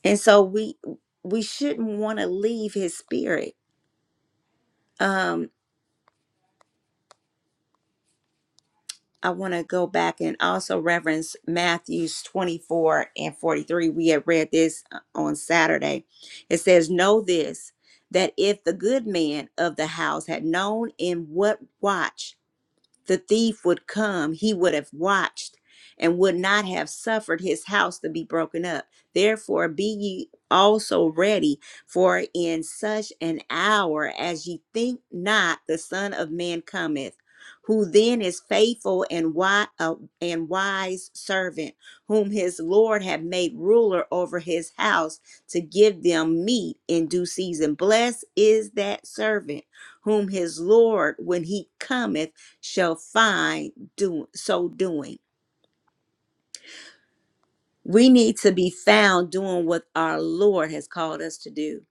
and so we we shouldn't want to leave his spirit um i want to go back and also reference matthews 24 and 43 we had read this uh, on saturday it says know this that if the good man of the house had known in what watch the thief would come, he would have watched and would not have suffered his house to be broken up. Therefore, be ye also ready, for in such an hour as ye think not, the Son of Man cometh. Who then is faithful and wise, uh, and wise servant, whom his Lord hath made ruler over his house to give them meat in due season? Blessed is that servant whom his Lord, when he cometh, shall find do, so doing. We need to be found doing what our Lord has called us to do.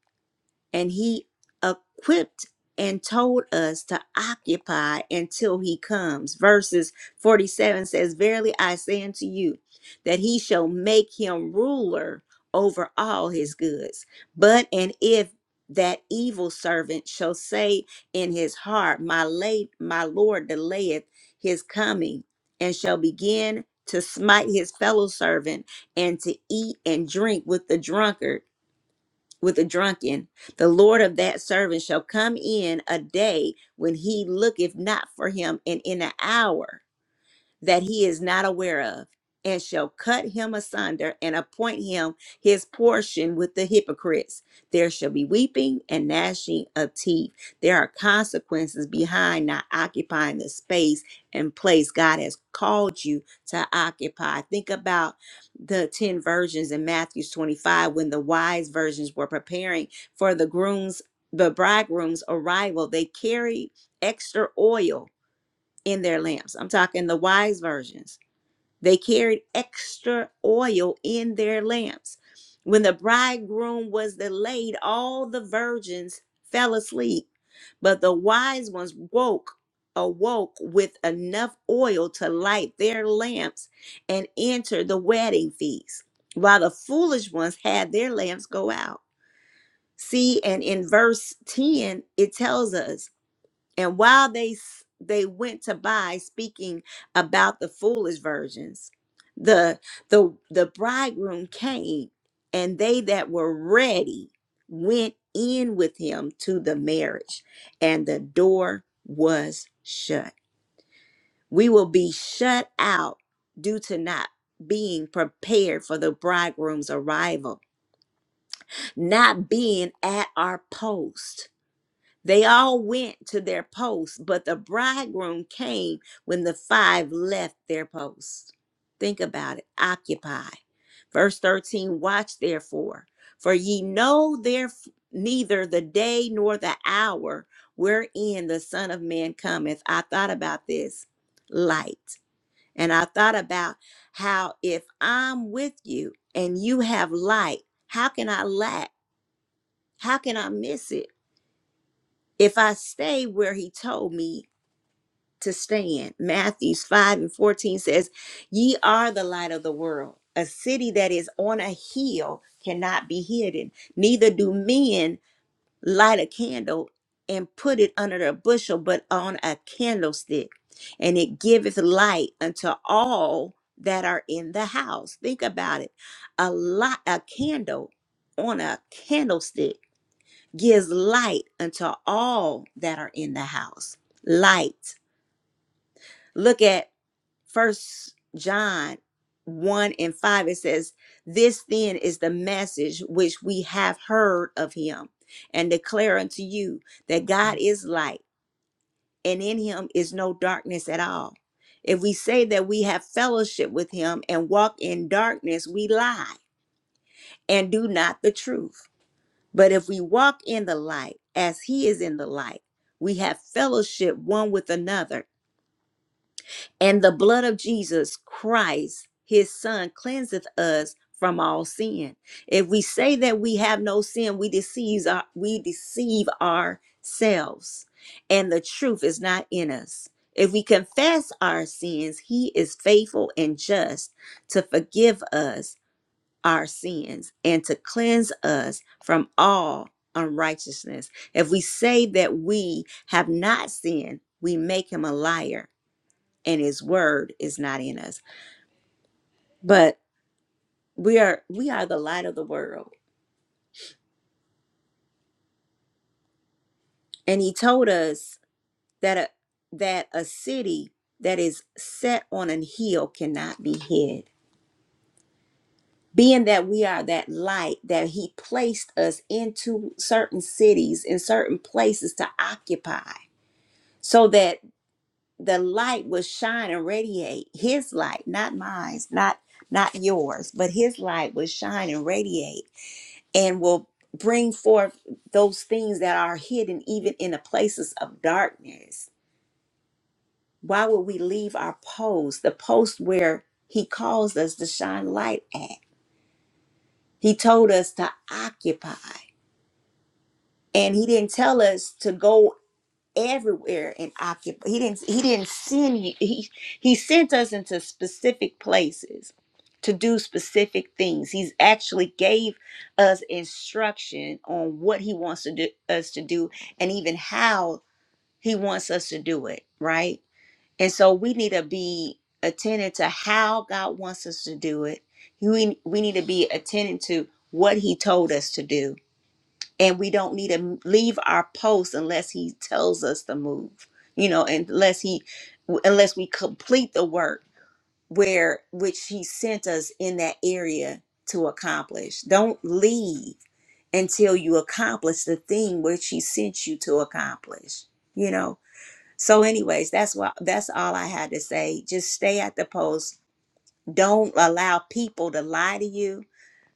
and he equipped and told us to occupy until he comes. Verses 47 says, Verily I say unto you, that he shall make him ruler over all his goods. But and if that evil servant shall say in his heart, My late my Lord delayeth his coming, and shall begin to smite his fellow servant and to eat and drink with the drunkard with the drunken. The Lord of that servant shall come in a day when he looketh not for him, and in an hour that he is not aware of, and shall cut him asunder and appoint him his portion with the hypocrites. There shall be weeping and gnashing of teeth. There are consequences behind not occupying the space and place God has called you to occupy. Think about the 10 virgins in Matthew 25 when the wise virgins were preparing for the groom's the bridegroom's arrival they carried extra oil in their lamps. I'm talking the wise virgins. They carried extra oil in their lamps. When the bridegroom was delayed, all the virgins fell asleep, but the wise ones woke awoke with enough oil to light their lamps and enter the wedding feast while the foolish ones had their lamps go out see and in verse 10 it tells us and while they s- they went to buy, speaking about the foolish virgins, the the the bridegroom came, and they that were ready went in with him to the marriage, and the door was shut. We will be shut out due to not being prepared for the bridegroom's arrival, not being at our post they all went to their posts, but the bridegroom came when the five left their posts. Think about it. Occupy. Verse 13 Watch therefore, for ye know there neither the day nor the hour wherein the Son of Man cometh. I thought about this light, and I thought about how if I'm with you and you have light, how can I lack? How can I miss it? If I stay where he told me to stand, Matthew 5 and 14 says, Ye are the light of the world. A city that is on a hill cannot be hidden. Neither do men light a candle and put it under a bushel, but on a candlestick. And it giveth light unto all that are in the house. Think about it. A light, a candle on a candlestick gives light unto all that are in the house. Light. Look at first John 1 and 5. It says, This then is the message which we have heard of him, and declare unto you that God is light, and in him is no darkness at all. If we say that we have fellowship with him and walk in darkness, we lie and do not the truth. But if we walk in the light as he is in the light, we have fellowship one with another. And the blood of Jesus Christ, his son, cleanseth us from all sin. If we say that we have no sin, we deceive, our, we deceive ourselves, and the truth is not in us. If we confess our sins, he is faithful and just to forgive us our sins and to cleanse us from all unrighteousness. If we say that we have not sinned, we make him a liar and his word is not in us. But we are we are the light of the world. And he told us that a, that a city that is set on an hill cannot be hid. Being that we are that light that he placed us into certain cities in certain places to occupy so that the light will shine and radiate his light not mine not not yours but his light will shine and radiate and will bring forth those things that are hidden even in the places of darkness why would we leave our post the post where he calls us to shine light at he told us to occupy and he didn't tell us to go everywhere and occupy. He didn't. He didn't send you. He he sent us into specific places to do specific things. He's actually gave us instruction on what he wants to do us to do, and even how he wants us to do it. Right. And so we need to be attentive to how God wants us to do it. We we need to be attentive to what He told us to do and we don't need to leave our post unless he tells us to move you know unless he unless we complete the work where which he sent us in that area to accomplish don't leave until you accomplish the thing which he sent you to accomplish you know so anyways that's what that's all i had to say just stay at the post don't allow people to lie to you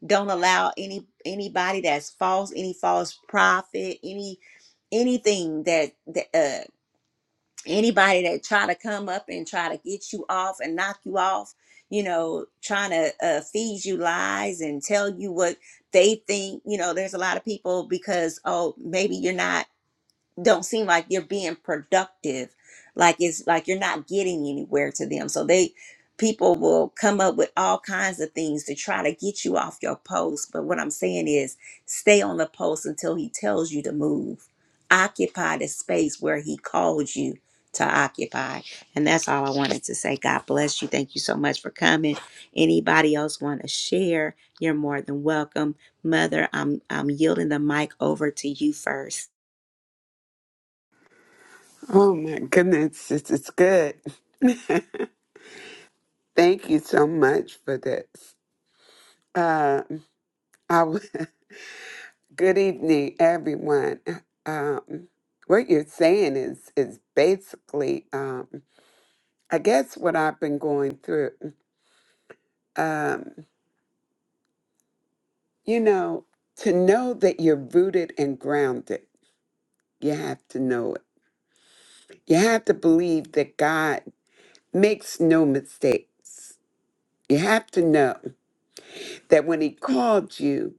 don't allow any anybody that's false any false prophet any anything that, that uh anybody that try to come up and try to get you off and knock you off you know trying to uh, feed you lies and tell you what they think you know there's a lot of people because oh maybe you're not don't seem like you're being productive like it's like you're not getting anywhere to them so they people will come up with all kinds of things to try to get you off your post but what i'm saying is stay on the post until he tells you to move occupy the space where he called you to occupy and that's all i wanted to say god bless you thank you so much for coming anybody else want to share you're more than welcome mother i'm i'm yielding the mic over to you first Oh my goodness, it's it's good. Thank you so much for this. Uh, I w good evening, everyone. Um, what you're saying is is basically, um, I guess, what I've been going through. Um, you know, to know that you're rooted and grounded, you have to know it. You have to believe that God makes no mistakes. You have to know. that when he called you,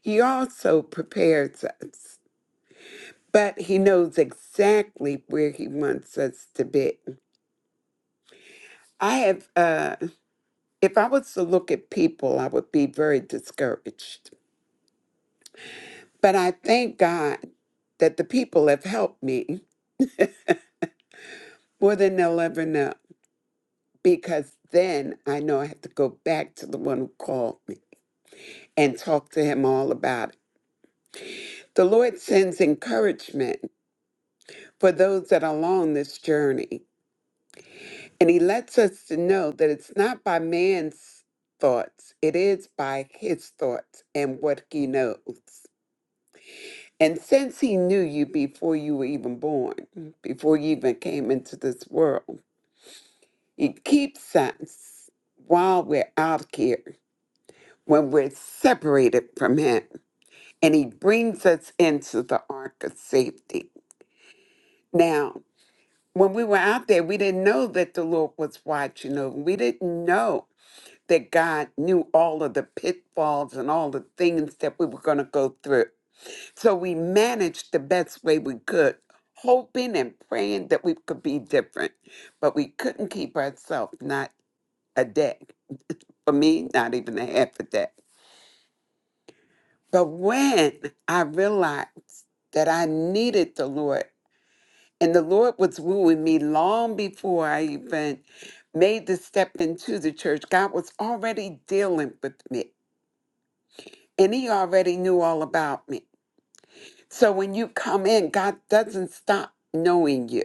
he also prepares us, but he knows exactly where he wants us to be. I have, uh, if I was to look at people, I would be very discouraged. But I thank God that the people have helped me more than they'll ever know because then I know I have to go back to the one who called me and talk to him all about it. The Lord sends encouragement for those that are along this journey And he lets us to know that it's not by man's thoughts, it is by his thoughts and what he knows. And since he knew you before you were even born, before you even came into this world, he keeps us while we're out here, when we're separated from him, and he brings us into the ark of safety. Now, when we were out there, we didn't know that the Lord was watching over. We didn't know that God knew all of the pitfalls and all the things that we were going to go through. So we managed the best way we could, hoping and praying that we could be different. But we couldn't keep ourselves not a day. For me, not even a half a day. But when I realized that I needed the Lord, and the Lord was wooing me long before I even made the step into the church, God was already dealing with me. and he already knew all about me. So when you come in, God doesn't stop knowing you.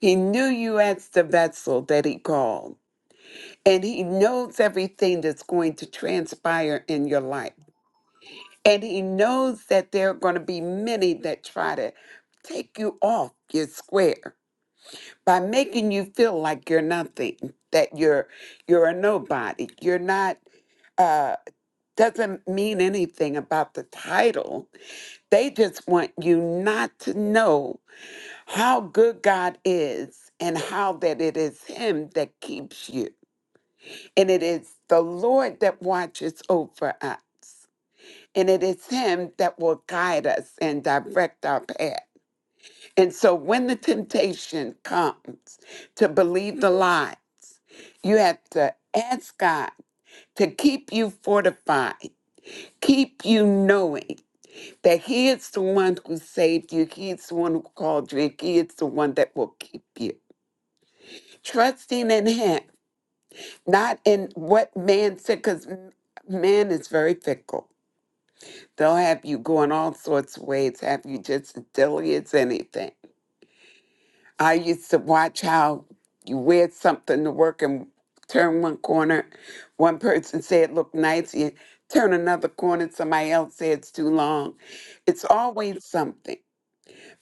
He knew you as the vessel that he called, and he knows everything that's going to transpire in your life. And he knows that there are going to be many that try to take you off your square by making you feel like you're nothing, that you're you're a nobody. You're not uh doesn't mean anything about the title They just want you not to know how good God is and how that it is Him that keeps you. And it is the Lord that watches over us. And it is Him that will guide us and direct our path. And so when the temptation comes to believe the lie, you have to ask God to keep you fortified, keep you knowing. that he is the one who saved you, he is the one who called you, and he is the one that will keep you. Trusting in him, not in what man said, because man is very fickle. They'll have you going all sorts of ways, have you just as silly as anything. I used to watch how you wear something to work and turn one corner. One person said it looked nice, you turn another corner, somebody else said it's too long. It's always something.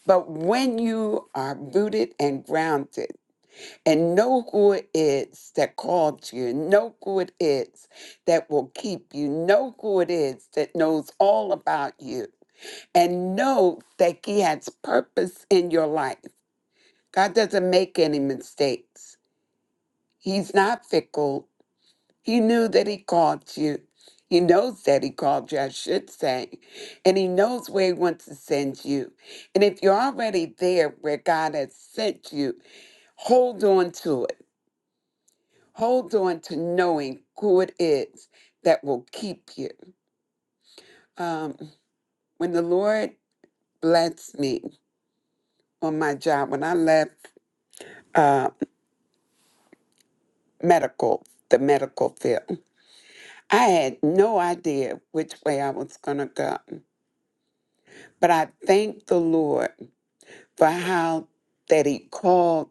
But when you are rooted and grounded and know who it is that called you, know who it is that will keep you, know who it is that knows all about you, and know that He has purpose in your life. God doesn't make any mistakes. He's not fickle. He knew that he called you. He knows that he called you, I should say. And he knows where he wants to send you. And if you're already there where God has sent you, hold on to it. Hold on to knowing who it is that will keep you. Um, when the Lord blessed me on my job, when I left uh, medical, the medical field, I had no idea which way I was going to go. But I thank the Lord for how that he called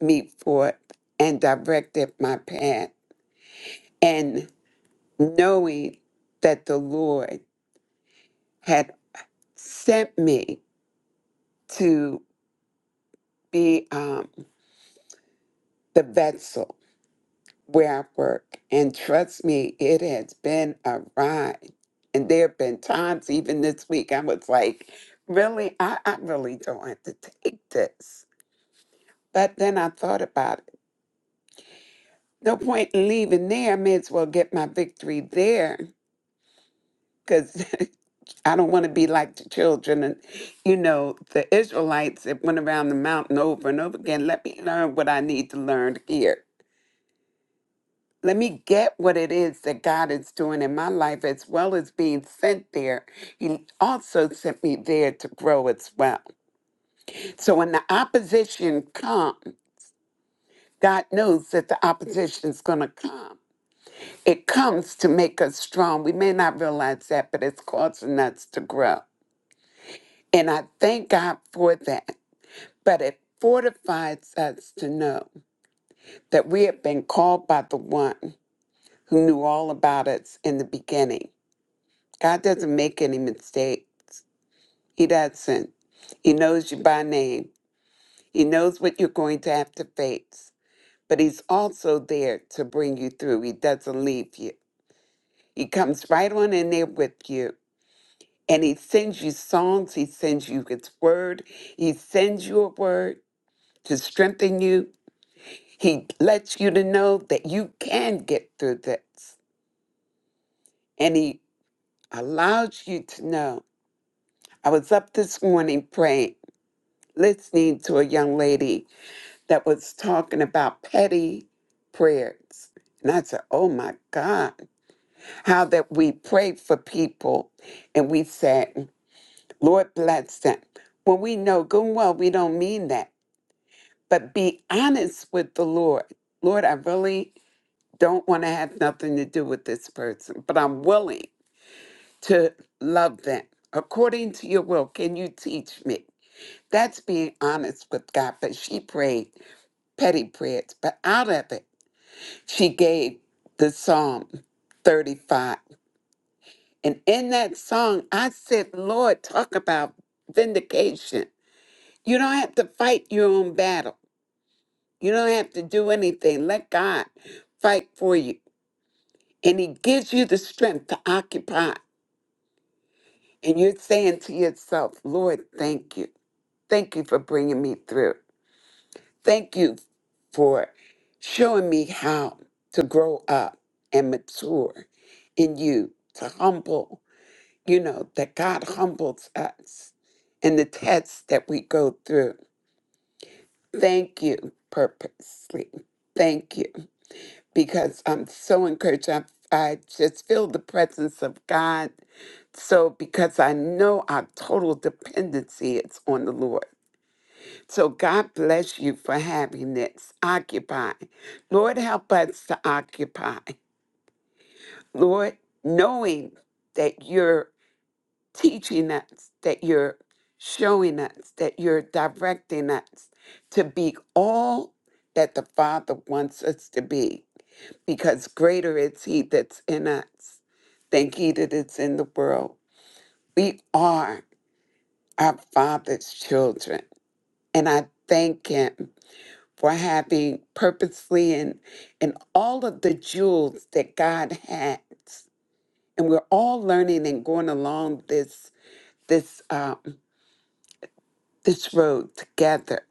me forth and directed my path and knowing that the lord had sent me to be um, the vessel where i work and trust me it has been a ride and there have been times even this week i was like really i, I really don't have to take this but then i thought about it no point in leaving there. I may as well get my victory there because I don't want to be like the children and, you know, the Israelites that went around the mountain over and over again. Let me learn what I need to learn here. Let me get what it is that God is doing in my life as well as being sent there. He also sent me there to grow as well. So when the opposition comes, God knows that the opposition is going to come It comes to make us strong. We may not realize that, but it's causing us to grow. And I thank God for that. But it fortifies us to know that we have been called by the one who knew all about us in the beginning. God doesn't make any mistakes, He doesn't. He knows you by name, He knows what you're going to have to face. But He's also there to bring you through, He doesn't leave you. He comes right on in there with you and he sends you songs, he sends you his word, he sends you a word to strengthen you. He lets you to know that you can get through this, and he allows you to know. I was up this morning praying, listening to a young lady that was talking about petty prayers. And I said, Oh my God, how that we pray for people and we said, Lord bless them. When we know good and well, we don't mean that but be honest with the Lord. Lord, I really don't want to have nothing to do with this person, but I'm willing to love them according to your will. Can you teach me? That's being honest with God. But she prayed petty prayers, but out of it, she gave the Psalm 35. And in that song, I said, Lord, talk about vindication. You don't have to fight your own battle. You don't have to do anything. Let God fight for you. And He gives you the strength to occupy. And you're saying to yourself, Lord, thank you. Thank you for bringing me through. Thank you for showing me how to grow up and mature in you, to humble, you know, that God humbles us in the tests that we go through. Thank you, purposely. Thank you. because I'm so encouraged. I, I just feel the presence of God. So, because I know our total dependency is on the Lord. So, God bless you for having this. Occupy. Lord, help us to occupy. Lord, knowing that you're teaching us, that you're showing us, that you're directing us to be all that the Father wants us to be because greater is he that's in us than he that is in the world. We are our Father's children, and I thank him for having purposely and, and all of the jewels that God has. And we're all learning and going along this this um, this road together.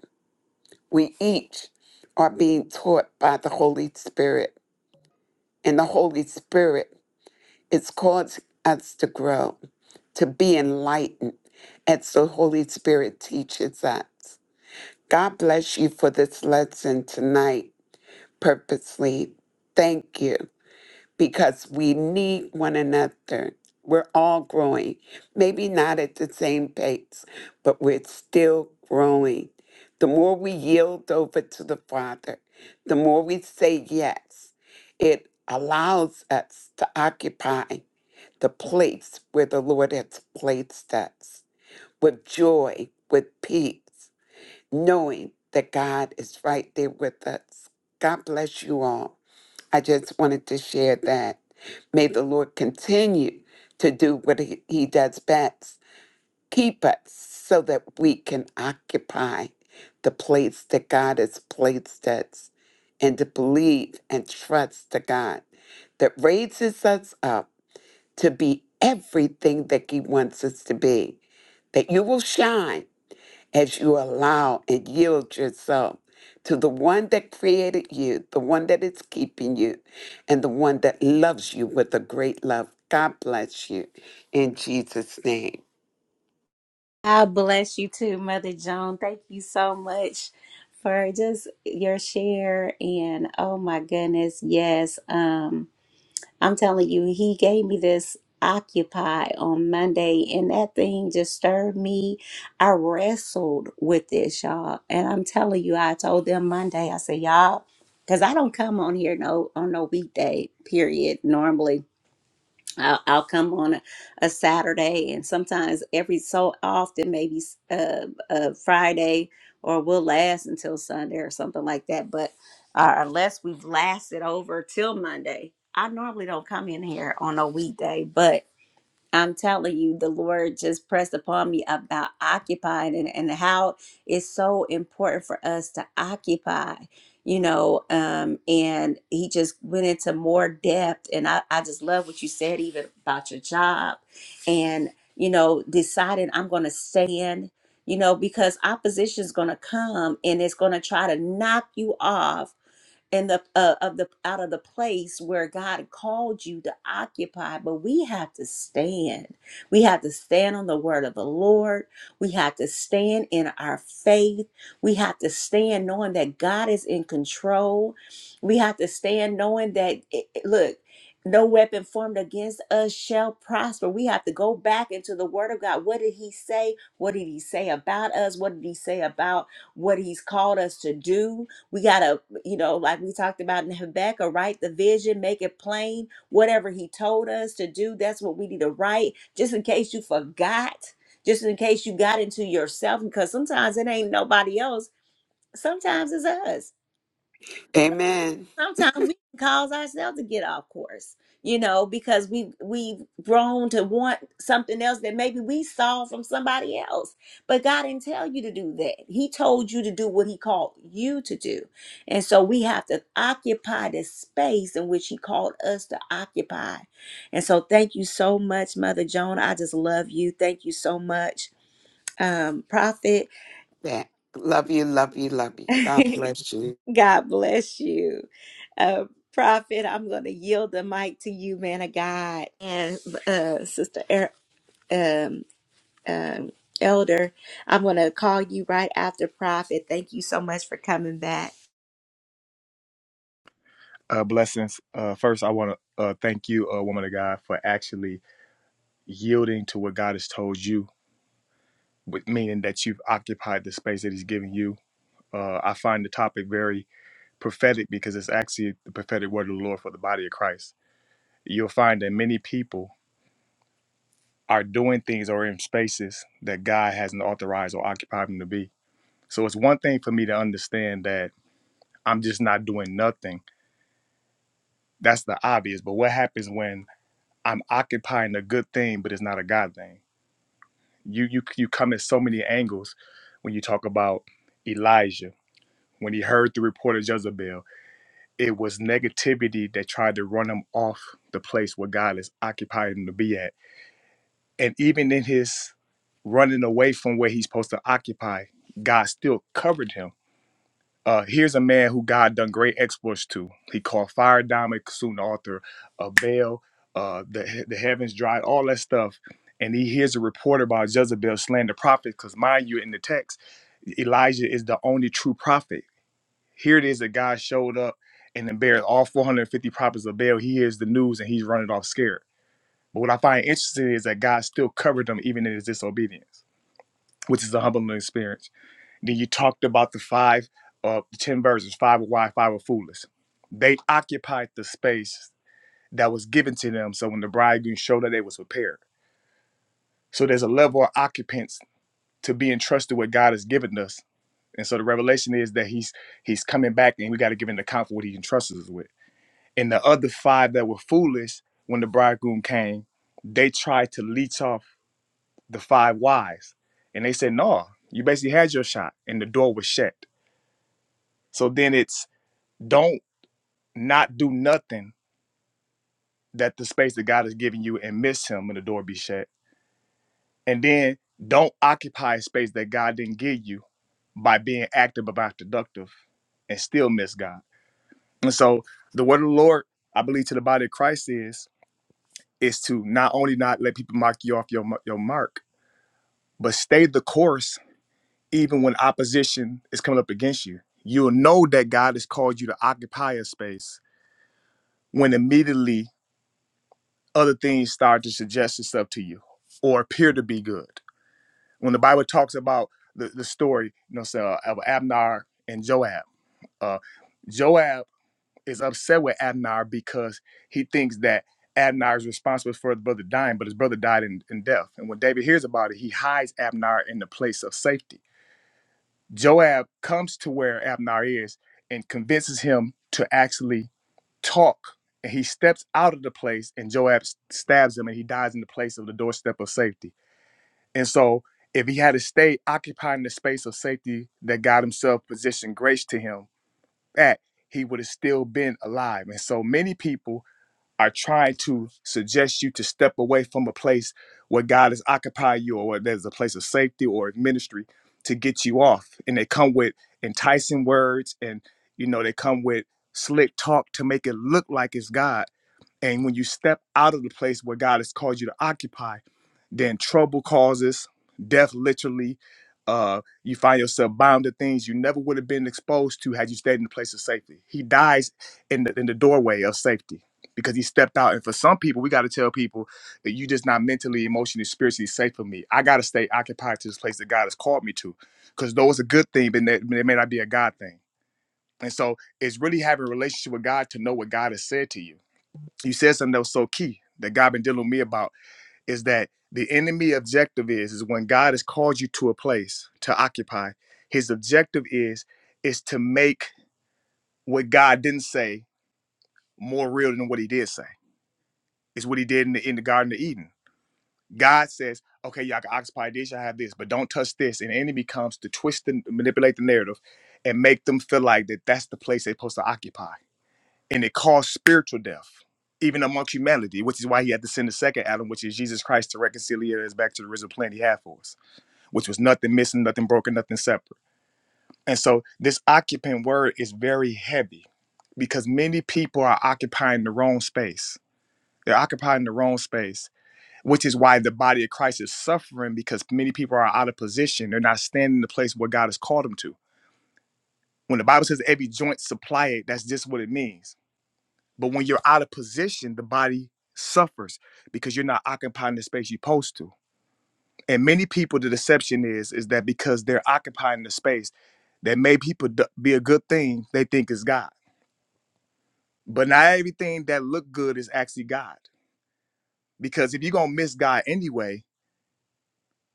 We each are being taught by the Holy Spirit, and the Holy Spirit It's caused us to grow, to be enlightened as the Holy Spirit teaches us. God bless you for this lesson tonight, purposely. Thank you, because we need one another. We're all growing, maybe not at the same pace, but we're still growing. The more we yield over to the Father, the more we say yes, it allows us to occupy the place where the Lord has placed us with joy, with peace, knowing that God is right there with us. God bless you all. I just wanted to share that. May the Lord continue to do what He He does best. Keep us so that we can occupy the place that God has placed us and to believe and trust the God that raises us up to be everything that He wants us to be, that you will shine as you allow and yield yourself to the one that created you, the one that is keeping you, and the one that loves you with a great love. God bless you in Jesus' name. God bless you too, Mother Joan. Thank you so much for just your share. And oh my goodness, yes. Um, I'm telling you, he gave me this Occupy on Monday, and that thing just stirred me. I wrestled with this, y'all. And I'm telling you, I told them Monday, I said, y'all, because I don't come on here no on no weekday period normally I'll, I'll come on a, a Saturday, and sometimes every so often, maybe s- uh, uh, Friday, or we'll last until Sunday or something like that. But uh, unless we've lasted over till Monday, I normally don't come in here on a weekday, but I'm telling you, the Lord just pressed upon me about occupying and, and how it's so important for us to occupy, you know. Um, and he just went into more depth. And I, I just love what you said, even about your job and, you know, deciding I'm going to stand, you know, because opposition is going to come and it's going to try to knock you off and the uh, of the out of the place where God called you to occupy. But we have to stand. We have to stand on the word of the Lord. We have to stand in our faith. We have to stand knowing that God is in control. We have to stand knowing that it- it- look. No weapon formed against us shall prosper. We have to go back into the Word of God. What did He say? What did He say about us? What did He say about what He's called us to do? We gotta you know, like we talked about in Habakkuk, write the vision, make it plain. Whatever he told us to do, that's what we need to write, just in case you forgot, just in case you got into yourself, because sometimes it ain't nobody else. Sometimes it's us Amen. sometimes we can cause ourselves to get off course you know because we we've grown to want something else that maybe we saw from somebody else but god didn't tell you to do that he told you to do what he called you to do and so we have to occupy the space in which he called us to occupy and so thank you so much mother joan i just love you thank you so much um prophet Yeah, love you, love you, love you. God bless you. God bless you. Uh, Prophet, I'm going to yield the mic to you, man of God. And uh, Sister er- um, um, Elder, I'm going to call you right after Prophet. Thank you so much for coming back. uh, blessings. Uh, first, I want to uh, thank you, uh, woman of God, for actually yielding to what God has told you, with, meaning that you've occupied the space that He's given you. Uh, I find the topic very prophetic because it's actually the prophetic word of the Lord for the body of Christ. You'll find that many people are doing things or in spaces that God hasn't authorized or occupied them to be. So it's one thing for me to understand that I'm just not doing nothing. That's the obvious. But what happens when I'm occupying a good thing, but it's not a God thing? You you you come at so many angles when you talk about Elijah. When he heard the report of Jezebel, it was negativity that tried to run him off the place where God is occupying him to be at. And even in his running away from where he's supposed to occupy, God still covered him uh, here's a man who God done great exploits to. He called fire diamond, soon author of Baal, uh, the the heavens dried all that stuff. And he hears a report about Jezebel slaying the prophet. Because mind you, in the text, Elijah is the only true prophet. Here it is that God showed up and embarrassed all 450 prophets of Baal. He hears the news and he's running off scared. But what I find interesting is that God still covered them even in his disobedience, which is a humbling experience. Then you talked about the five, uh, the ten verses, five were wise, five were foolish. They occupied the space that was given to them. So when the bridegroom showed up, they was prepared. So there's a level of occupants to be entrusted with God has given us. And so the revelation is that He's He's coming back, and we got to give Him the account for what He entrusts us with. And the other five that were foolish when the bridegroom came, they tried to leech off the five wise, and they said, "No, you basically had your shot, and the door was shut." So then it's don't not do nothing that the space that God has given you and miss Him when the door be shut. And then don't occupy a space that God didn't give you by being active about productive and still miss God. And so the word of the Lord, I believe, to the body of Christ is is to not only not let people mock you off your mar- your mark, but stay the course even when opposition is coming up against you. You'll know that God has called you to occupy a space when immediately other things start to suggest itself to you or appear to be good. When the Bible talks about the, the story, you know, so, of Abner and Joab, uh, Joab is upset with Abner because he thinks that Abner is responsible for his brother dying, but his brother died in, in death. And when David hears about it, he hides Abner in the place of safety. Joab comes to where Abner is and convinces him to actually talk and he steps out of the place and Joab stabs him and he dies in the place of the doorstep of safety. And so if he had to stay occupying the space of safety that God himself positioned grace to him at, he would have still been alive. And so many people are trying to suggest you to step away from a place where God is occupied you or where there's a place of safety or ministry to get you off. And they come with enticing words and you know they come with slick talk to make it look like it's God and when you step out of the place where God has called you to occupy, then trouble causes, death literally. Uh, you find yourself bound to things you never would have been exposed to had you stayed in the place of safety. He dies in the in the doorway of safety because he stepped out. And for some people, we got to tell people that you just not mentally, emotionally, spiritually safe for me. I got to stay occupied to this place that God has called me to, because though it's a good thing, but it may not be a God thing. And so it's really having a relationship with God to know what God has said to you you said something that was so key that God been dealing with me about is that the enemy objective is is when God has called you to a place to occupy, his objective is is to make what God didn't say more real than what he did say. It's what he did in the in the Garden of Eden. God says, okay, y'all can occupy this, y'all have this, but don't touch this. And the enemy comes to twist and manipulate the narrative and make them feel like that that's the place they're supposed to occupy. and it caused spiritual death, even amongst humanity, which is why he had to send the second Adam, which is Jesus Christ, to reconcile us back to the original plan he had for us, which was nothing missing, nothing broken, nothing separate. And so this occupant word is very heavy because many people are occupying the wrong space. They're occupying the wrong space, which is why the body of Christ is suffering because many people are out of position. They're not standing in the place where God has called them to. When the Bible says every joint supply it, that's just what it means But when you're out of position, the body suffers because you're not occupying the space you're supposed to. And many people, the deception is is that because they're occupying the space that made people d- be a good thing, they think is God. But not everything that look good is actually God. Because if you're gonna miss God anyway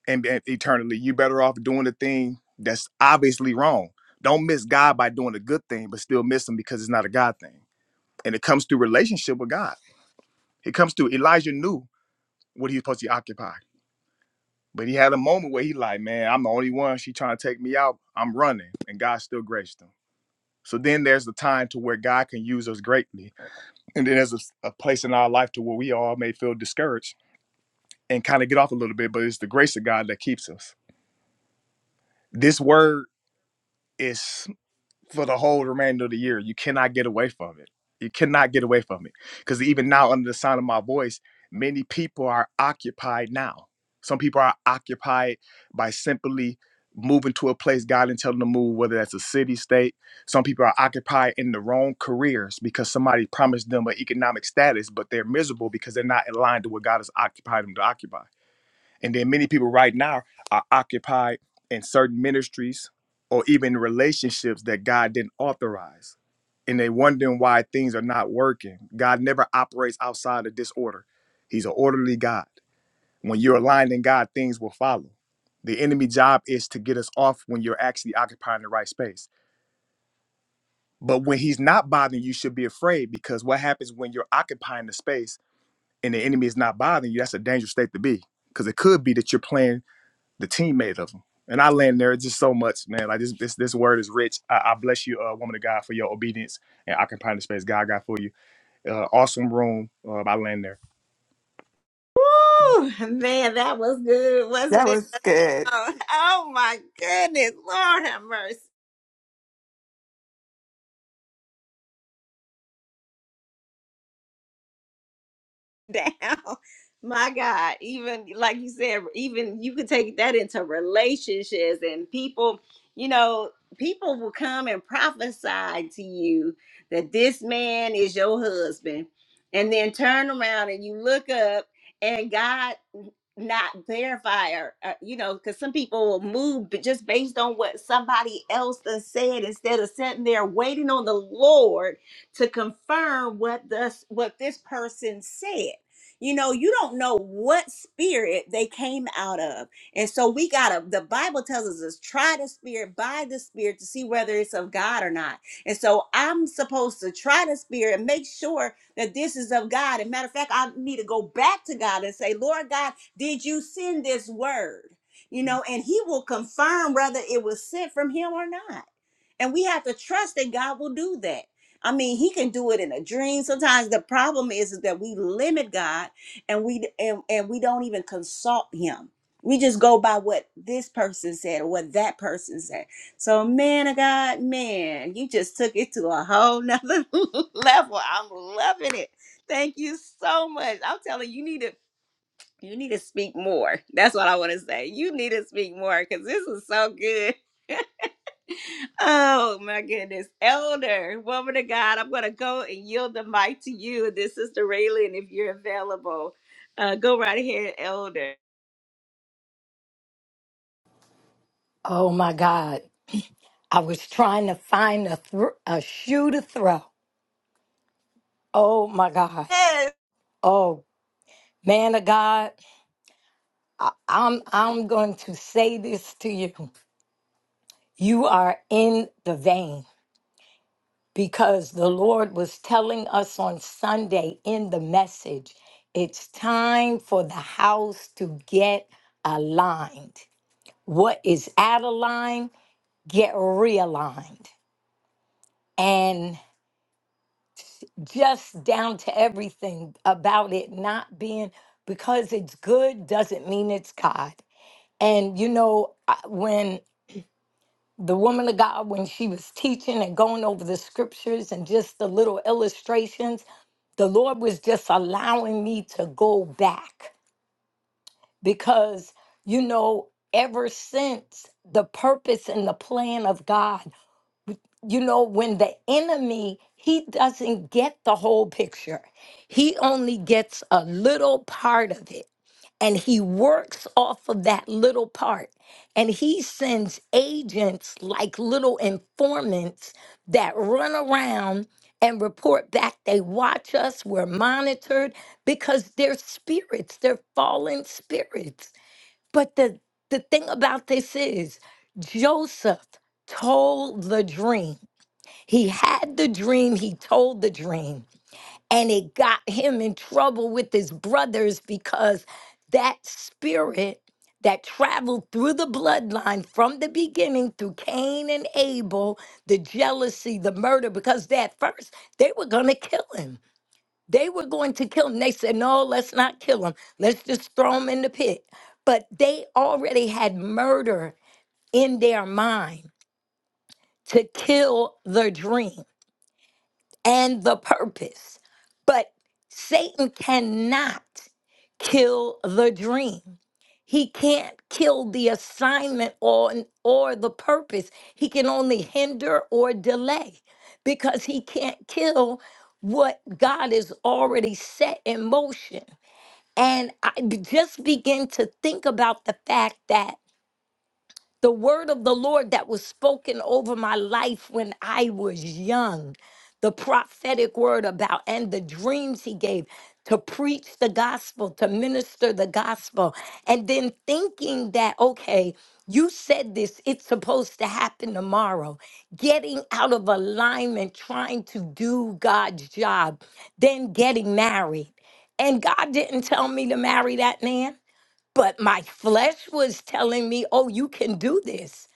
and, and eternally, you better off doing the thing that's obviously wrong. Don't miss God by doing a good thing, but still miss him because it's not a God thing. And it comes through relationship with God. It comes through Elijah knew what he was supposed to occupy. But he had a moment where he like, man, I'm the only one. She trying to take me out. I'm running, and God still graced him. So then there's the time to where God can use us greatly, and then there's a a place in our life to where we all may feel discouraged and kind of get off a little bit. But it's the grace of God that keeps us. This word is. for the whole remainder of the year. You cannot get away from it. You cannot get away from it. Because even now, under the sound of my voice, many people are occupied now. Some people are occupied by simply moving to a place God didn't tell them to move, whether that's a city, state. Some people are occupied in the wrong careers because somebody promised them an economic status, but they're miserable because they're not aligned to what God has occupied them to occupy. And then many people right now are occupied in certain ministries or even relationships that God didn't authorize. And they wondering why things are not working. God never operates outside of disorder. He's an orderly God. When you're aligned in God, things will follow. The enemy job is to get us off when you're actually occupying the right space. But when he's not bothering you, you should be afraid because what happens when you're occupying the space and the enemy is not bothering you, that's a dangerous state to be. Because it could be that you're playing the teammate of him. And I land there just so much, man. Like this, this, this word is rich. I, I bless you, uh, woman of God, for your obedience and occupying the space God got for you. Uh, awesome room. Uh, I land there. Woo, man, that was good, That wasn't it? was good. Oh, oh my goodness, Lord have mercy. down. My God, even like you said, even you could take that into relationships and people, you know, people will come and prophesy to you that this man is your husband, and then turn around and you look up and God not verify or, uh, you know, because some people will move but just based on what somebody else done said instead of sitting there waiting on the Lord to confirm what this what this person said you know, you don't know what spirit they came out of. And so we got to, the Bible tells us is try the spirit by the spirit to see whether it's of God or not. And so I'm supposed to try the spirit and make sure that this is of God. And matter of fact, I need to go back to God and say, Lord God, did you send this word? You know, and he will confirm whether it was sent from him or not. And we have to trust that God will do that. I mean, he can do it in a dream. Sometimes the problem is, is that we limit God and we and, and we don't even consult him. We just go by what this person said or what that person said. So, man of God, man, you just took it to a whole nother level. I'm loving it. Thank you so much. I'm telling you, you need to you need to speak more. That's what I want to say. You need to speak more because this is so good. Oh my goodness. Elder, woman of God, I'm going to go and yield the mic to you. This is the Raylan, if you're available. Uh, go right ahead, Elder. Oh my God. I was trying to find a, thr a shoe to throw. Oh my God. Yes. Oh, man of God, I'm, I'm going to say this to you. You are in the vein because the Lord was telling us on Sunday in the message it's time for the house to get aligned. What is out of line, get realigned. and. just down to everything about it not being because it's good doesn't mean it's God. And you know, I- when the woman of God, when she was teaching and going over the scriptures and just the little illustrations, the Lord was just allowing me to go back because, you know, ever since the purpose and the plan of God. you know when the enemy he doesn't get the whole picture he only gets a little part of it and he works off of that little part and he sends agents like little informants that run around and report back they watch us we're monitored because they're spirits they're fallen spirits but the the thing about this is joseph told the dream he had the dream, he told the dream, and it got him in trouble with his brothers because that spirit that traveled through the bloodline from the beginning through Cain and Abel, the jealousy, the murder, because at first they were going to kill him. They were going to kill him. They said, no, let's not kill him. Let's just throw him in the pit. But they already had murder in their mind to kill the dream. and the purpose. But Satan cannot kill the dream. He can't kill the assignment or, or the purpose. He can only hinder or delay because he can't kill what God has already set in motion. And I b- just begin to think about the fact that the word of the Lord that was spoken over my life when I was young, the prophetic word about and the dreams he gave to preach the gospel, to minister the gospel, and then thinking that, okay, you said this, it's supposed to happen tomorrow. Getting out of alignment, trying to do God's job, then getting married. And God didn't tell me to marry that man. But my flesh was telling me, oh, you can do this,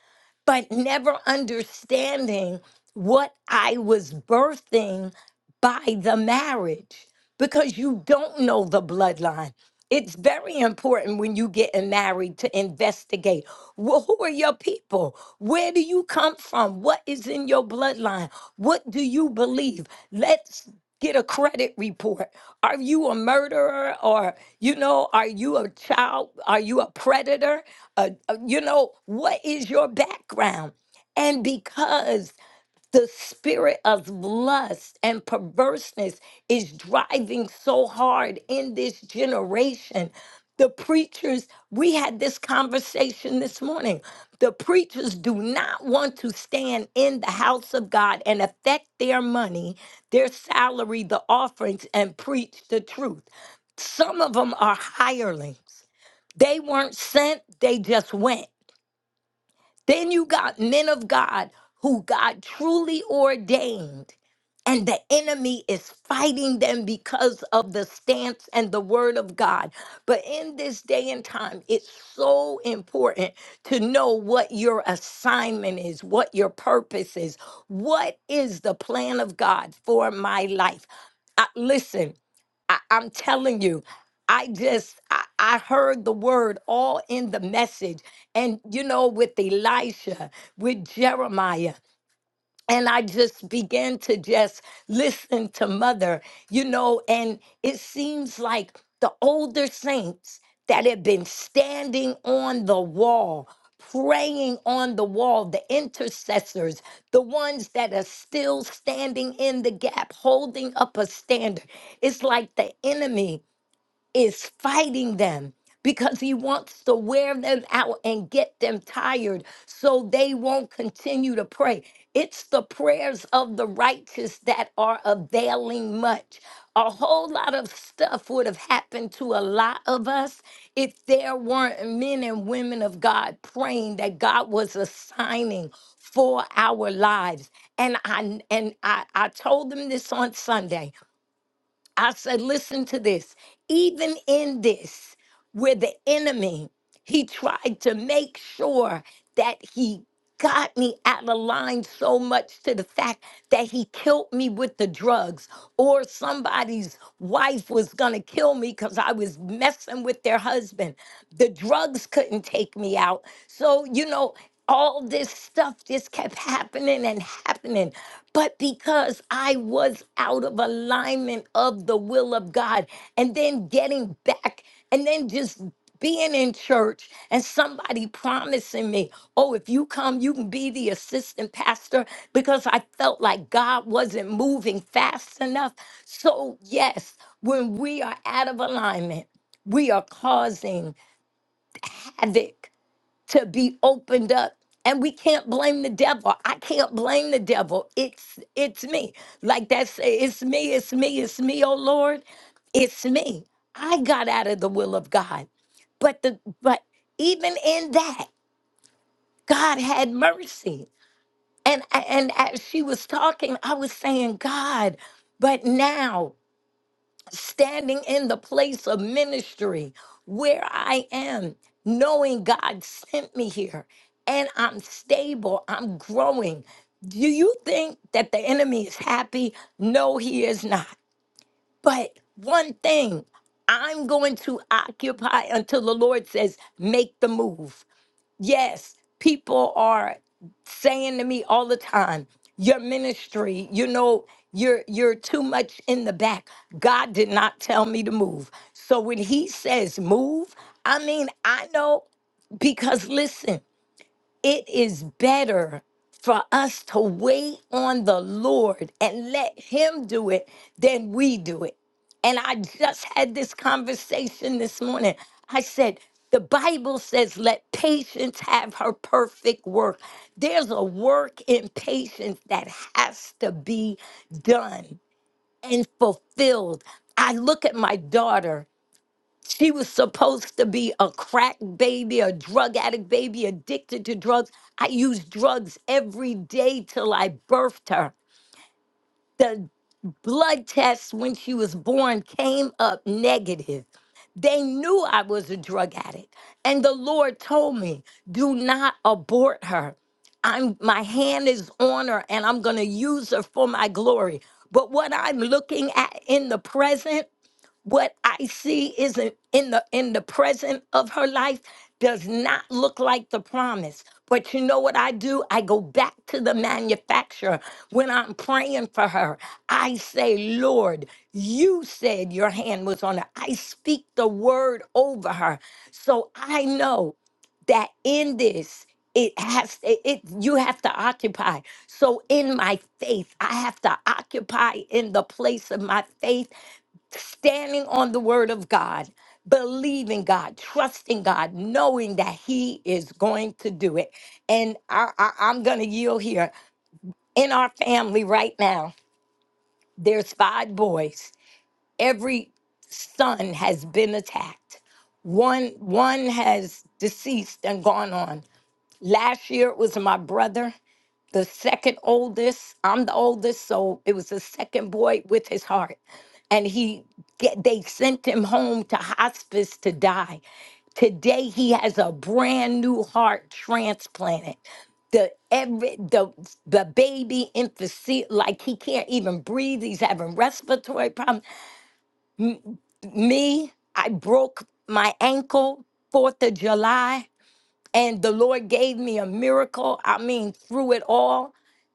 but never understanding what I was birthing by the marriage because you don't know the bloodline. It's very important when you getting married to investigate. Well, who are your people? Where do you come from? What is in your bloodline? What do you believe? Let's get a credit report. Are you a murderer or you know, are you a child? Are you a predator? Uh, uh, you know, what is your background? And because the spirit of lust and perverseness is driving so hard in this generation. The preachers, we had this conversation this morning. The preachers do not want to stand in the house of God and affect their money, their salary, the offerings, and preach the truth. Some of them are hirelings. They weren't sent, they just went. Then you got men of God who God truly ordained, and the enemy is fighting them because of the stance and the word of God. But in this day and time, it's so important to know what your assignment is, what your purpose is, what is the plan of God for my life. I- Listen, I, I'm telling you, I just I, I heard the word all in the message. And you know, with Elisha, with Jeremiah and I just began to just listen to mother, you know, and it seems like the older saints that have been standing on the wall, praying on the wall, the intercessors, the ones that are still standing in the gap, holding up a standard. It's like the enemy is fighting them because he wants to wear them out and get them tired so they won't continue to pray. It's the prayers of the righteous that are availing much. A whole lot of stuff would have happened to a lot of us if there weren't men and women of God praying that God was assigning for our lives. And I and I, I told them this on Sunday. I said, listen to this. Even in this, where the enemy, he tried to make sure that he got me out of line so much to the fact that he killed me with the drugs, or somebody's wife was gonna kill me because I was messing with their husband. The drugs couldn't take me out. So, you know, all this stuff just kept happening and happening. But because I was out of alignment of the will of God, and then getting back, and then just being in church and somebody promising me, oh, if you come, you can be the assistant pastor because I felt like God wasn't moving fast enough. So, yes, when we are out of alignment, we are causing havoc to be opened up and we can't blame the devil i can't blame the devil it's it's me like that say it's me it's me it's me oh lord it's me i got out of the will of god but the but even in that god had mercy and and as she was talking i was saying god but now standing in the place of ministry where I am, knowing God sent me here and I'm stable, I'm growing. Do you think that the enemy is happy? No, he is not. But one thing, I'm going to occupy until the Lord says, make the move. Yes, people are saying to me all the time, your ministry, you know, you're you're too much in the back. God did not tell me to move. So when he says move, I mean, I know because listen, it is better for us to wait on the Lord and let Him do it than we do it. And I just had this conversation this morning. I said, the Bible says, let patience have her perfect work. There's a work in patience that has to be done and fulfilled. I look at my daughter she was supposed to be a crack baby, a drug addict baby, addicted to drugs. I used drugs every day till I birthed her. The blood test when she was born came up negative. They knew I was a drug addict. And the Lord told me, do not abort her. I'm my hand is on her and I'm gonna use her for my glory. But what I'm looking at in the present what I see is in in the in the present of her life does not look like the promise. But you know what I do? I go back to the manufacturer when I'm praying for her. I say, Lord, you said your hand was on her. I speak the word over her. So I know that in this, it has it, it you have to occupy. So in my faith, I have to occupy in the place of my faith standing on the word of God, believing God, trusting God, knowing that He is going to do it. And I, I, I'm going to yield here. In our family right now, there's five boys. Every son has been attacked. One one has deceased and gone on. Last year it was my brother the second oldest. I'm the oldest, so it was the second boy with his heart. And he get, they sent him home to hospice to die. Today he has a brand new heart transplanted. The every the the baby infancy like he can't even breathe. He's having respiratory problems. Me, I broke my ankle 4th of July and the Lord gave me a miracle. I mean, through it all.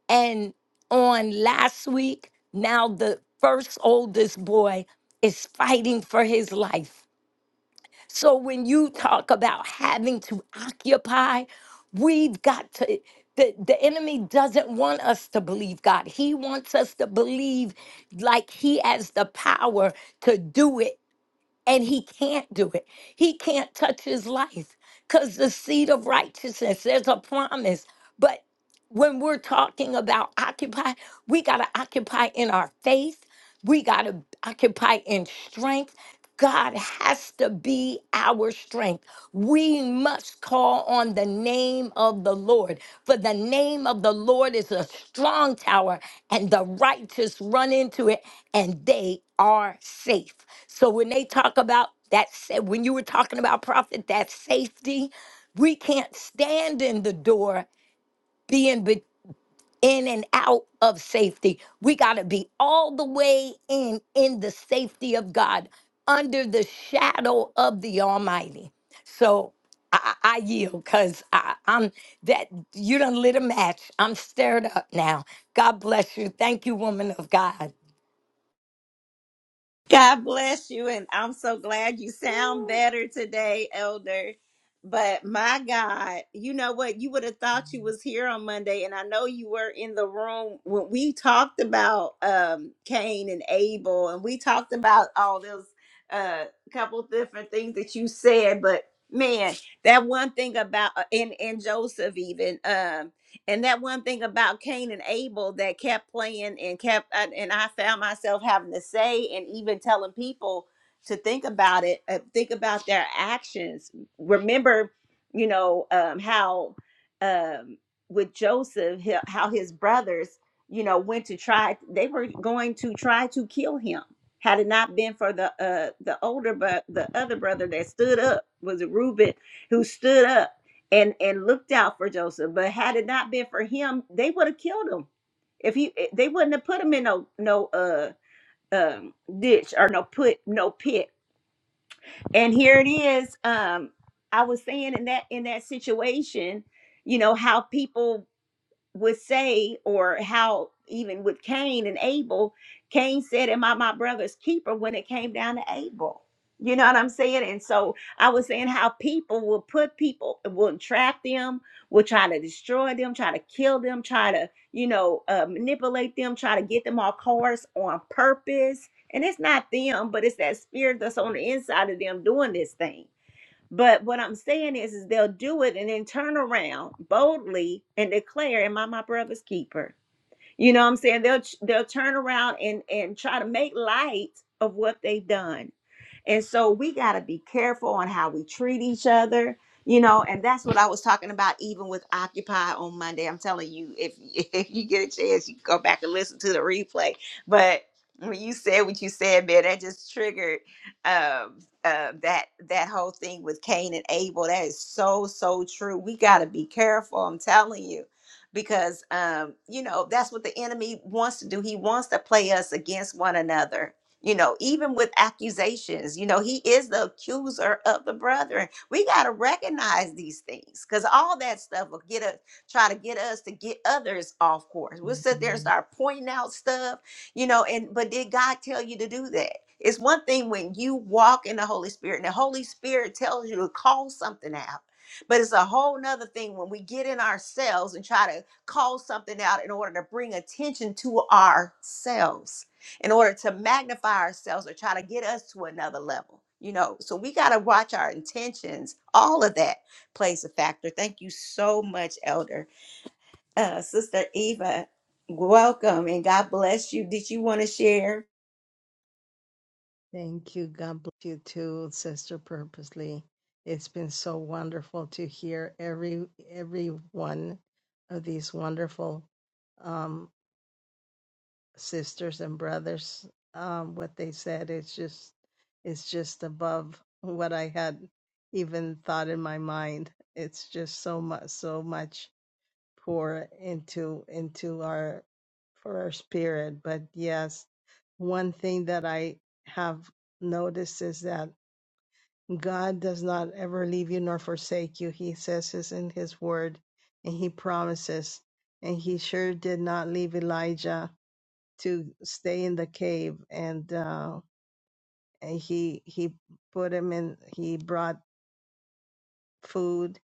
And on last week, now the first oldest boy is fighting for his life. So when you talk about having to occupy, we've got to. The, the enemy doesn't want us to believe God. He wants us to believe like he has the power to do it and he can't do it. He can't touch his life because the seed of righteousness, there's a promise. But when we're talking about occupy, we got to occupy in our faith. We got to occupy in strength. God has to be our strength. We must call on the name of the Lord, for the name of the Lord is a strong tower, and the righteous run into it, and they are safe. So when they talk about that, sa- when you were talking about prophet, that safety, we can't stand in the door in and out of safety. We got to be all the way in in the safety of God, under the shadow of the Almighty. So I, I I yield because I'm that you done lit a match. I'm stirred up now. God bless you. Thank you, woman of God. God bless you. And I'm so glad you sound better today, Elder. But my God, you know what? You would have thought you was here on Monday, and I know you were in the room when we talked about um Cain and Abel, and we talked about all those uh couple different things that you said, but man, that one thing about uh, and and Joseph even. Um and that one thing about Cain and Abel that kept playing and kept, and and I found myself having to say and even telling people to think about it, uh, think about their actions. Remember, you know, um, how um, with Joseph, he- how his brothers, you know, went to try, they were going to try to kill him. Had it not been for the uh, the older, but the other brother that stood up was Reuben who stood up and and looked out for Joseph. But had it not been for him, they would have killed him. If he, eh, they wouldn't have put him in no no uh um ditch or no put no pit. And here it is. Um, I was saying in that in that situation, you know how people would say, or how even with Cain and Abel, Cain said, Am I my brother's keeper when it came down to Abel? You know what I'm saying? And so I was saying how people will put people, will trap them, will try to destroy them, try to kill them, try to, you know, uh, manipulate them, try to get them off course on purpose. And it's not them, but it's that spirit that's on the inside of them doing this thing but what I'm saying is, is they'll do it and then turn around boldly and declare, "Am I my brother's keeper?" You know what I'm saying? They'll they'll turn around and and try to make light of what they've done and so we got to be careful on how we treat each other, you know, and that's what I was talking about even with Occupy on Monday. I'm telling you, if, if you get a chance, you can go back and listen to the replay. But when you said what you said, man, that just triggered um, uh, that that whole thing with Cain and Abel. That is so so true. We got to be careful. I'm telling you, because um, you know that's what the enemy wants to do. He wants to play us against one another you know, even with accusations, you know, he is the accuser of the brethren. We got to recognize these things because all that stuff will get us, try to get us to get others off course. We'll sit there and Mhm. start pointing out stuff, you know, and but did God tell you to do that? It's one thing when you walk in the Holy Spirit and the Holy Spirit tells you to call something out. But it's a whole nother thing when we get in ourselves and try to call something out in order to bring attention to ourselves in order to magnify ourselves or try to get us to another level you know so we got to watch our intentions all of that plays a factor thank you so much elder uh, sister eva welcome and god bless you did you want to share Thank you. God bless you too, Sister Purposely. It's been so wonderful to hear every every one of these wonderful um, sisters and brothers. Um, what they said, it's just it's just above what I had even thought in my mind. It's just so much so much pour into into our for our spirit. But yes, one thing that I have noticed is that God does not ever leave you nor forsake you. He says this in his word and he promises. And he sure did not leave Elijah to stay in the cave. And, uh, and he, he put him in, he brought food,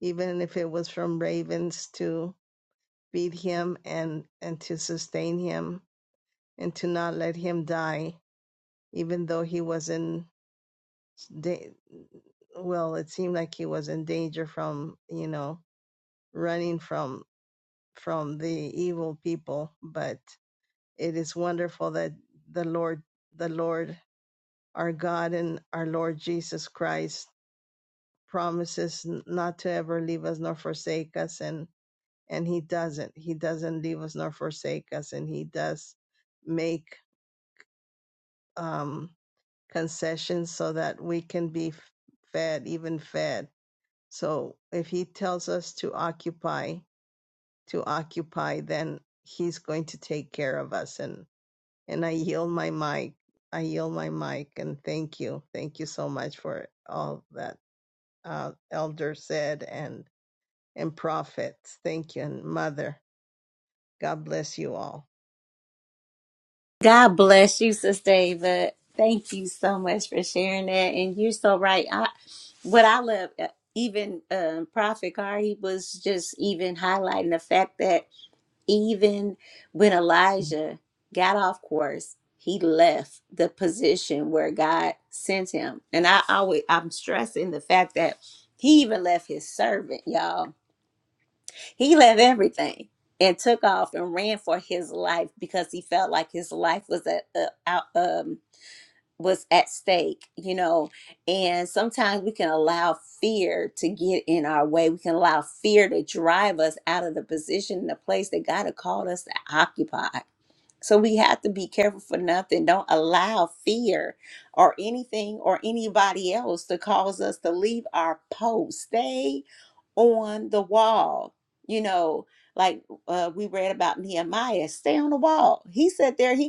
even if it was from ravens to feed him and, and to sustain him and to not let him die, even though he was in, da- well, it seemed like he was in danger from, you know, running from from the evil people but it is wonderful that the lord the lord our god and our lord jesus christ promises not to ever leave us nor forsake us and and he doesn't he doesn't leave us nor forsake us and he does make um concessions so that we can be fed even fed so if he tells us to occupy to occupy, then he's going to take care of us. And and I yield my mic. I yield my mic and thank you. Thank you so much for all that uh, elder said and and prophets. Thank you and mother. God bless you all. God bless you, Sister Ava. Thank you so much for sharing that. And you're so right. I, what I love, uh, even um, Prophet Car, he was just even highlighting the fact that Even when Elijah got off course, he left the position where God sent him. And I always I'm stressing the fact that he even left his servant, y'all. He left everything and took off and ran for his life because he felt like his life was at, uh, out. um, was at stake, you know. And sometimes we can allow fear to get in our way. We can allow fear to drive us out of the position and the place that God had called us to occupy. So we have to be careful for nothing. Don't allow fear or anything or anybody else to cause us to leave our post. Stay on the wall. You know, like uh, we read about Nehemiah, stay on the wall. He sat there, he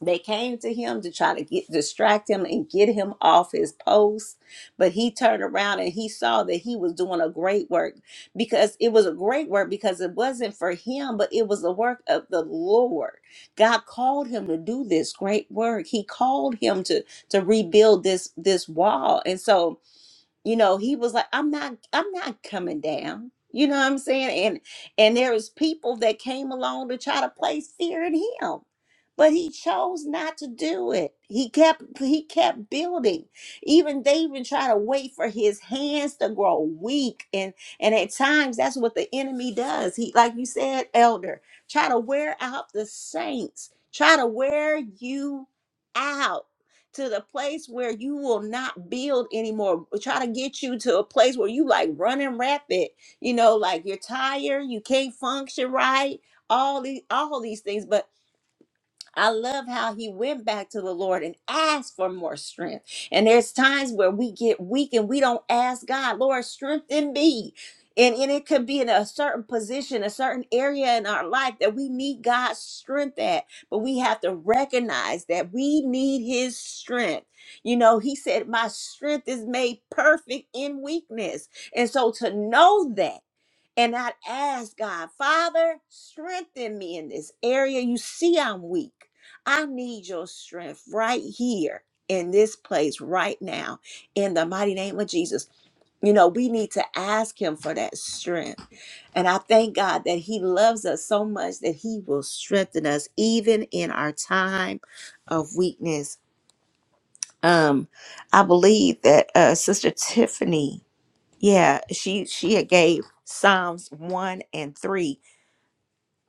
they came to him to try to get distract him and get him off his post, but he turned around and he saw that he was doing a great work because it was a great work because it wasn't for him, but it was the work of the Lord. God called him to do this great work. He called him to to rebuild this this wall, and so you know he was like i'm not i'm not coming down you know what i'm saying and and there was people that came along to try to place fear in him but he chose not to do it he kept he kept building even they even try to wait for his hands to grow weak and and at times that's what the enemy does he like you said elder try to wear out the saints try to wear you out to the place where you will not build anymore. Try to get you to a place where you like running rapid, you know, like you're tired, you can't function right, all these all these things. But I love how he went back to the Lord and asked for more strength. And there's times where we get weak and we don't ask God, Lord, strengthen me. And, and it could be in a certain position, a certain area in our life that we need God's strength at. But we have to recognize that we need his strength. You know, he said, My strength is made perfect in weakness. And so to know that. And I'd ask God, Father, strengthen me in this area. You see, I'm weak. I need your strength right here in this place right now in the mighty name of Jesus. You know, we need to ask Him for that strength. And I thank God that He loves us so much that He will strengthen us even in our time of weakness. Um, I believe that uh, Sister Tiffany, yeah, she she had gave Psalms one and three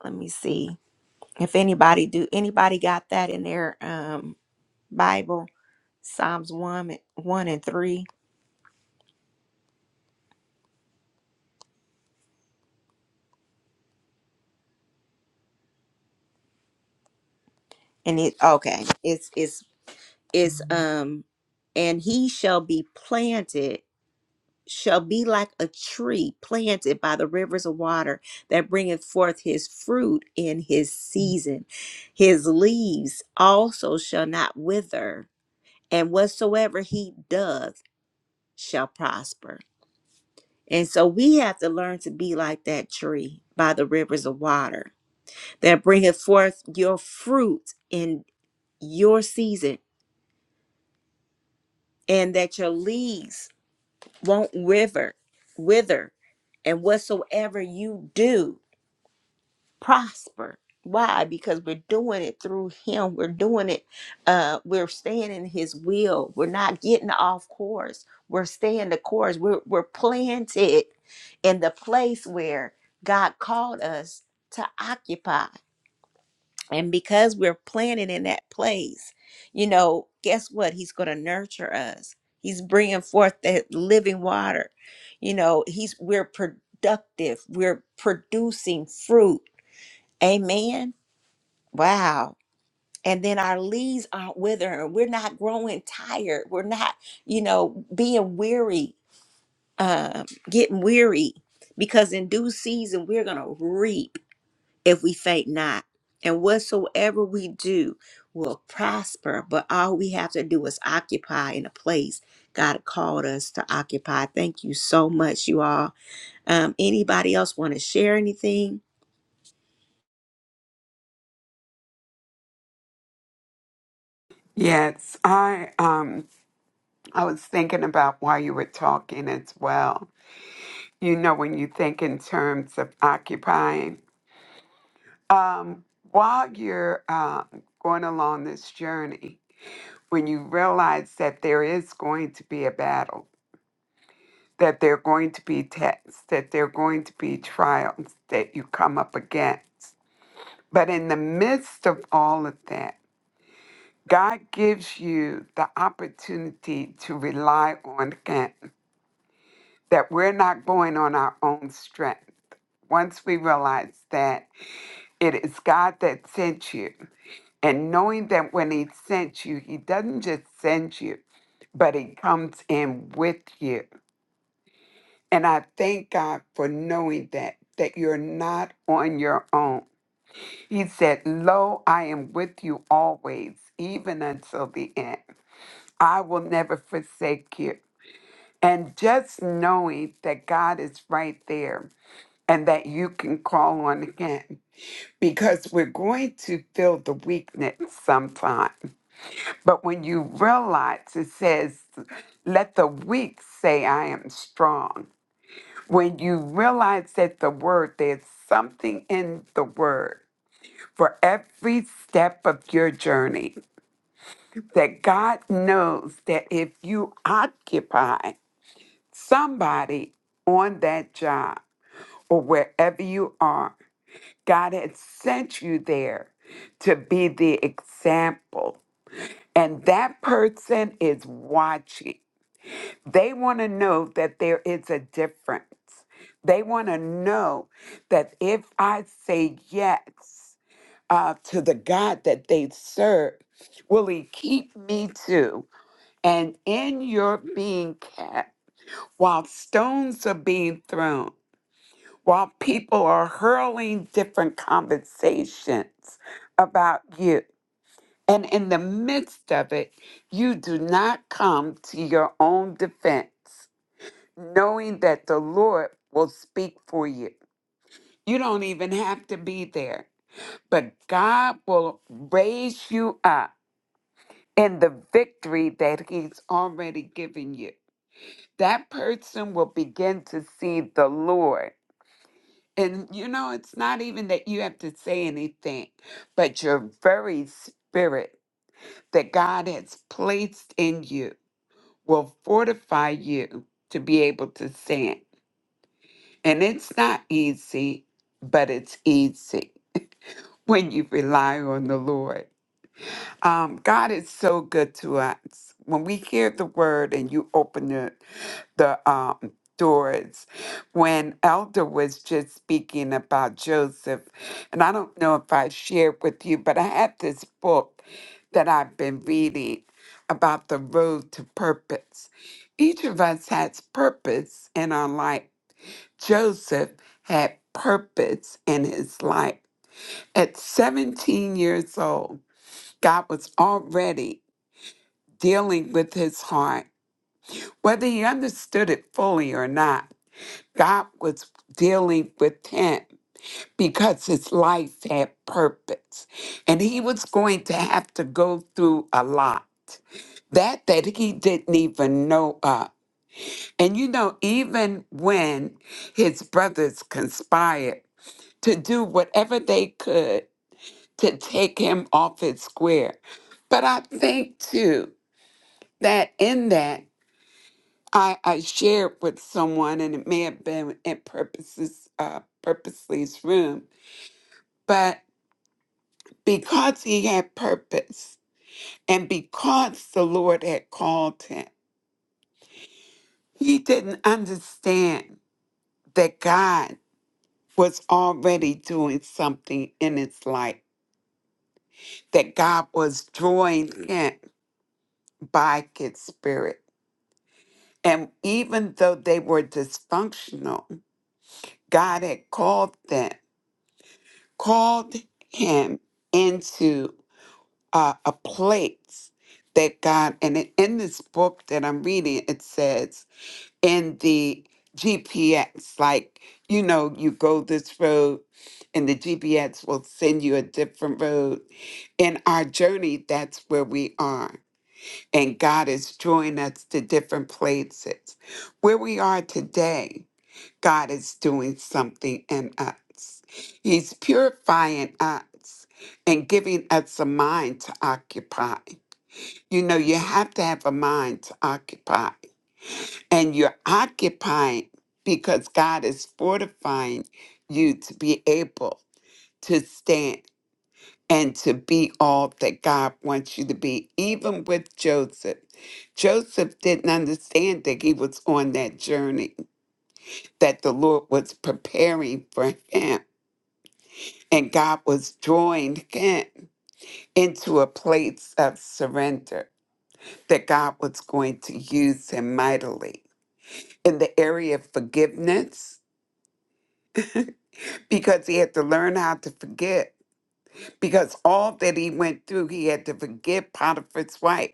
let me see if anybody do anybody got that in their um bible psalms 1 and- 1 and 3 and it okay it's it's it's um and he shall be planted shall be like a tree planted by the rivers of water that bringeth forth his fruit in his season his leaves also shall not wither and whatsoever he doth shall prosper And so we have to learn to be like that tree by the rivers of water that bringeth forth your fruit in your season, and that your leaves won't wither, wither, and whatsoever you do. prosper. Why? Because we're doing it through Him. We're doing it. Uh, we're staying in His will. We're not getting off course. We're staying the course. We're we're planted in the place where God called us to occupy. And because we're planted in that place, you know, guess what? He's going to nurture us. He's bringing forth that living water. You know, he's we're productive. We're producing fruit. Amen Wow. And then our leaves aren't withering. We're not growing tired. We're not, you know, being weary, um, getting weary, because in due season we're gonna reap if we faint not. And whatsoever we do will prosper. But all we have to do is occupy in a place God called us to occupy. Thank you so much, you all. Um, anybody else want to share anything? Yes, I um I was thinking about while you were talking as well you know, when you think in terms of occupying, um, while you're um, going along this journey, when you realize that there is going to be a battle, that there are going to be tests, that there are going to be trials that you come up against. But in the midst of all of that, God gives you the opportunity to rely on Him, that we're not going on our own strength. Once we realize that, It is God that sent you. And knowing that when He sent you, He doesn't just send you, but He comes in with you. And I thank God for knowing that, that you're not on your own. He said, Lo, I am with you always, even until the end. I will never forsake you. And just knowing that God is right there and that you can call on Him. because we're going to feel the weakness sometime. But when you realize it says, let the weak say, I am strong. When you realize that the word, there's something in the word for every step of your journey, that God knows that if you occupy somebody on that job or wherever you are, God had sent you there to be the example. And that person is watching. They want to know that there is a difference. They want to know that if I say yes uh, to the God that they serve, will He keep me too? And in your being kept, while stones are being thrown, while people are hurling different conversations about you. And in the midst of it, you do not come to your own defense, knowing that the Lord will speak for you. You don't even have to be there, but God will raise you up in the victory that He's already given you. That person will begin to see the Lord And you know, it's not even that you have to say anything, but your very spirit that God has placed in you will fortify you to be able to stand. And it's not easy, but it's easy when you rely on the Lord. Um, God is so good to us. When we hear the word and you open the, the um, doors, when Elder was just speaking about Joseph, and I don't know if I shared with you, but I had this book that I've been reading about the road to purpose. Each of us has purpose in our life. Joseph had purpose in his life. At 17 years old, God was already dealing with his heart. Whether he understood it fully or not, God was dealing with him because his life had purpose. And he was going to have to go through a lot that that he didn't even know of. And you know, even when his brothers conspired to do whatever they could to take him off his square. But I think too that in that I, I shared with someone, and it may have been at purposes, uh, purposeless room, but because he had purpose and because the Lord had called him, he didn't understand that God was already doing something in his life, that God was drawing Mm. him by his spirit. And even though they were dysfunctional, God had called them called him into uh, a place that God, and in in this book that I'm reading, it says in the GPS, like, you know, you go this road and the GPS will send you a different road. In our journey, that's where we are. And God is drawing us to different places. Where we are today, God is doing something in us. He's purifying us and giving us a mind to occupy. You know, you have to have a mind to occupy, and you're occupying because God is fortifying you to be able to stand and to be all that God wants you to be, even with Joseph. Joseph didn't understand that he was on that journey, that the Lord was preparing for him And God was drawing him into a place of surrender that God was going to use him mightily in the area of forgiveness because he had to learn how to forgive. Because all that he went through, he had to forgive Potiphar's wife.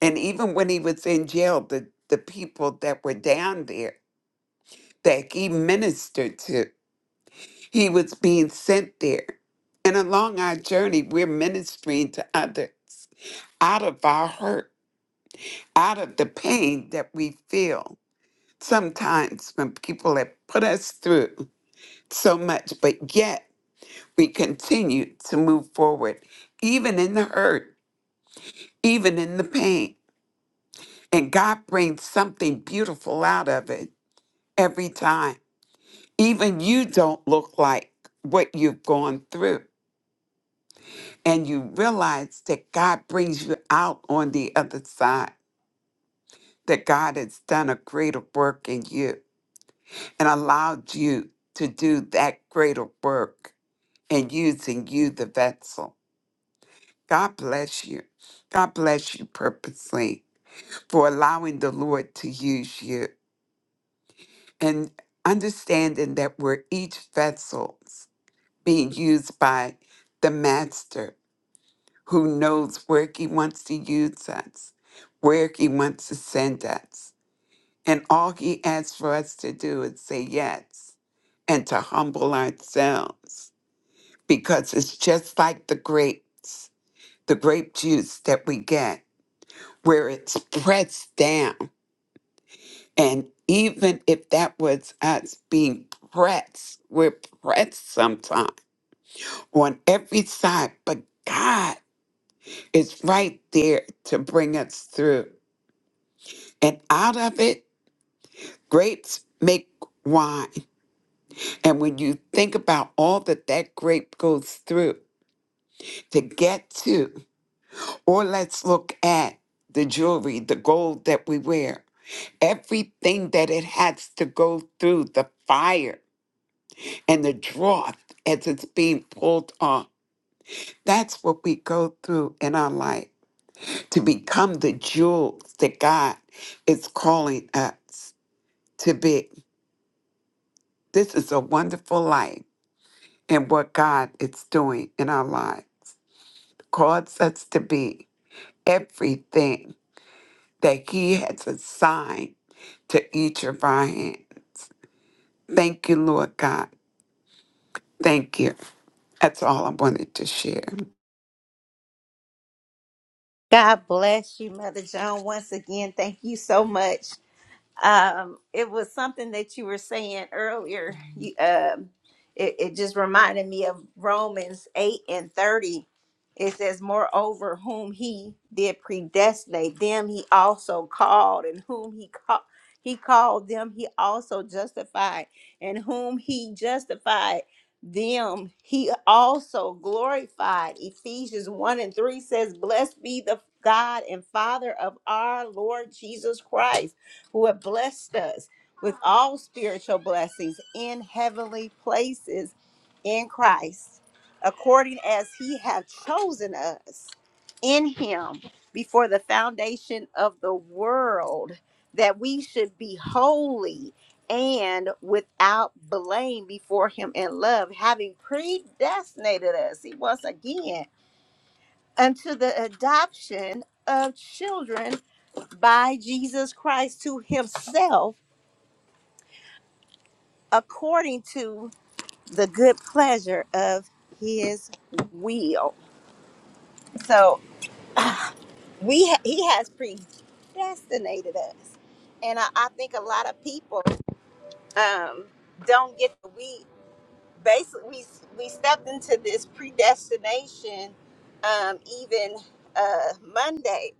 And even when he was in jail, the, the people that were down there that he ministered to, he was being sent there. And along our journey, we're ministering to others out of our hurt out of the pain that we feel sometimes when people have put us through so much, but yet we continue to move forward, even in the hurt, even in the pain. And God brings something beautiful out of it every time. Even you don't look like what you've gone through. And you realize that God brings you out on the other side, that God has done a greater work in you. and allowed you to do that greater work and using you, the vessel. God bless you. God bless you purposely for allowing the Lord to use you and understanding that we're each vessels being used by the Master who knows where He wants to use us, where He wants to send us. And all He asks for us to do is say yes and to humble ourselves because it's just like the grapes, the grape juice that we get, where it's pressed down. And even if that was us being pressed, we're pressed sometimes on every side, but God is right there to bring us through. And out of it, grapes make wine. And when you think about all that that grape goes through to get to, Or let's look at the jewelry, the gold that we wear, everything that it has to go through, the fire and the drought as it's being pulled off. That's what we go through in our life to become the jewels that God is calling us to be. This is a wonderful life and what God is doing in our lives. Calls us to be everything that He has assigned to each of our hands. Thank you, Lord God. Thank you. That's all I wanted to share. God bless you, Mother Joan. Once again, thank you so much. um, it was something that you were saying earlier. You, um, it, it just reminded me of Romans 8 and 30. It says, Moreover, whom he did predestinate, them he also called, and whom he called. He called them, he also justified, and whom he justified, them he also glorified. Ephesians 1 and 3 says, Blessed be the God and Father of our Lord Jesus Christ who have blessed us with all spiritual blessings in heavenly places in Christ, according as he hath chosen us in him before the foundation of the world, that we should be holy and without blame before him in love, having predestinated us, he once again, unto the adoption of children by Jesus Christ to himself according to the good pleasure of his will. So ah, we ha- he has predestinated us. And I, I think a lot of people um, don't get the we basically we, we stepped into this predestination um, even uh, Monday.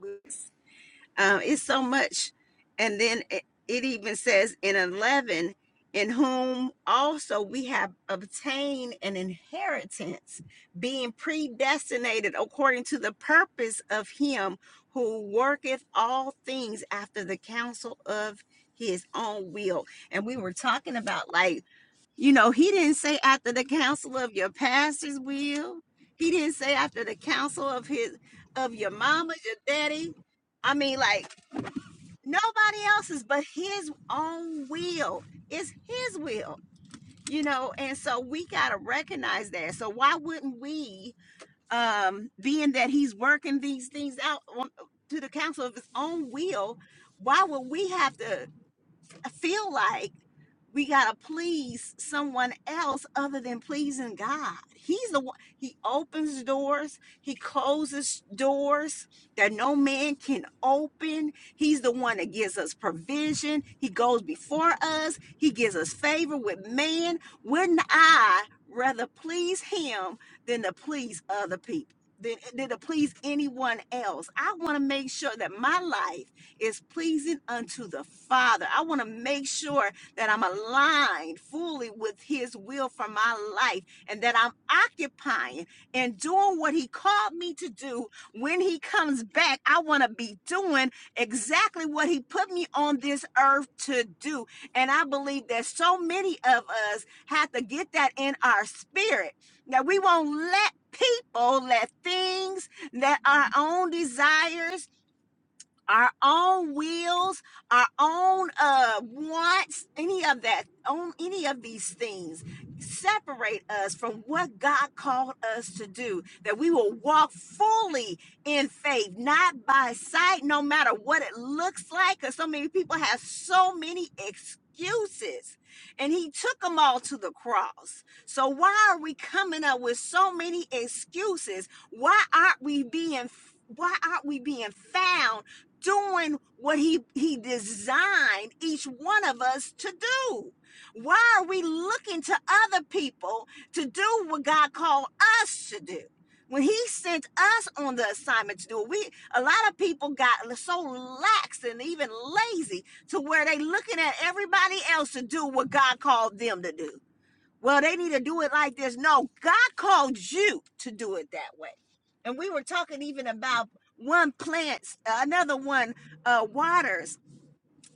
Uh, it's so much. And then it, it even says in 11, in whom also we have obtained an inheritance, being predestinated according to the purpose of him who worketh all things after the counsel of his own will. And we were talking about, like, you know, he didn't say after the counsel of your pastor's will. He didn't say after the counsel of his of your mama, your daddy. I mean, like nobody else's but his own will it's his will you know and so we got to recognize that so why wouldn't we um being that he's working these things out on, to the counsel of his own will why would we have to I feel like we gotta please someone else other than pleasing God. He's the one. He opens doors. He closes doors that no man can open. He's the one that gives us provision. He goes before us. He gives us favor with man. Wouldn't I rather please Him than to please other people? Than, than to please anyone else. I want to make sure that my life is pleasing unto the Father. I want to make sure that I'm aligned fully with His will for my life and that I'm occupying and doing what He called me to do when He comes back. I want to be doing exactly what He put me on this earth to do. And I believe that so many of us have to get that in our spirit that we won't let people, let things, let our own desires our own wills, our own uh, wants, any of that, on any of these things, separate us from what God called us to do. That we will walk fully in faith, not by sight, no matter what it looks like. Because so many people have so many excuses, and He took them all to the cross. So why are we coming up with so many excuses? Why aren't we being why aren't we being found doing what he he designed each one of us to do why are we looking to other people to do what god called us to do when he sent us on the assignment to do it we a lot of people got so lax and even lazy to where they looking at everybody else to do what god called them to do well, they need to do it like this. No, God called you to do it that way. And we were talking even about one plants, another one uh, waters,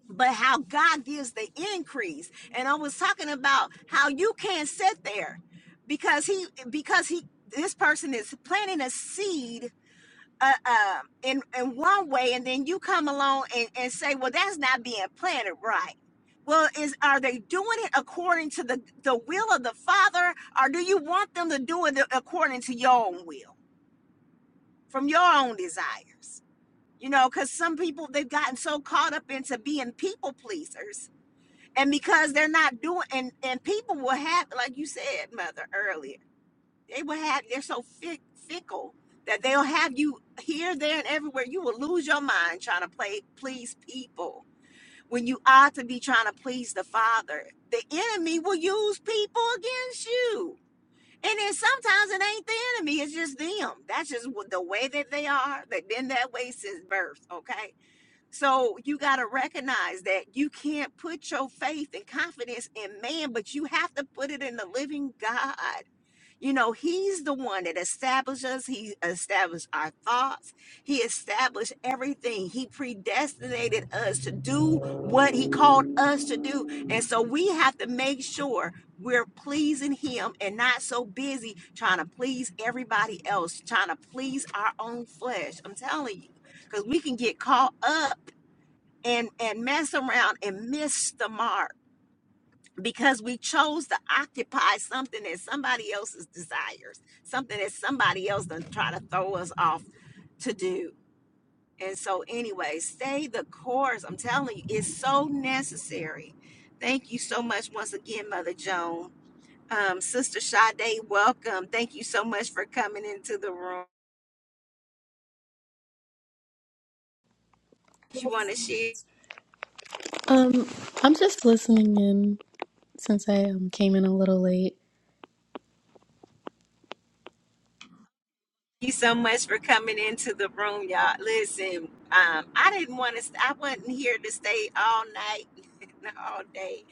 but how God gives the increase. And I was talking about how you can't sit there because he because he this person is planting a seed uh, uh, in in one way, and then you come along and, and say, "Well, that's not being planted right." Well, is are they doing it according to the the will of the Father, or do you want them to do it according to your own will, from your own desires? You know, because some people they've gotten so caught up into being people pleasers, and because they're not doing, and and people will have, like you said, mother earlier they will have they're so fick, fickle that they'll have you here there and everywhere you will lose your mind trying to play please people when you ought to be trying to please the father the enemy will use people against you and then sometimes it ain't the enemy it's just them that's just what the way that they are they've been that way since birth okay so you got to recognize that you can't put your faith and confidence in man but you have to put it in the living god you know, he's the one that established us. He established our thoughts. He established everything. He predestinated us to do what he called us to do. And so we have to make sure we're pleasing him and not so busy trying to please everybody else, trying to please our own flesh. I'm telling you, because we can get caught up and and mess around and miss the mark because we chose to occupy something that somebody else's desires, something that somebody else done try to throw us off to do. And so, anyway, stay the course. I'm telling you, it's so necessary. Thank you so much once again, Mother Joan. Um, Sister Sade, welcome. Thank you so much for coming into the room. You want to share? Um, I'm just listening in since I um, came in a little late. you so much for coming into the room, y'all. Listen, um, I didn't want to. St- I wasn't here to stay all night, and all day.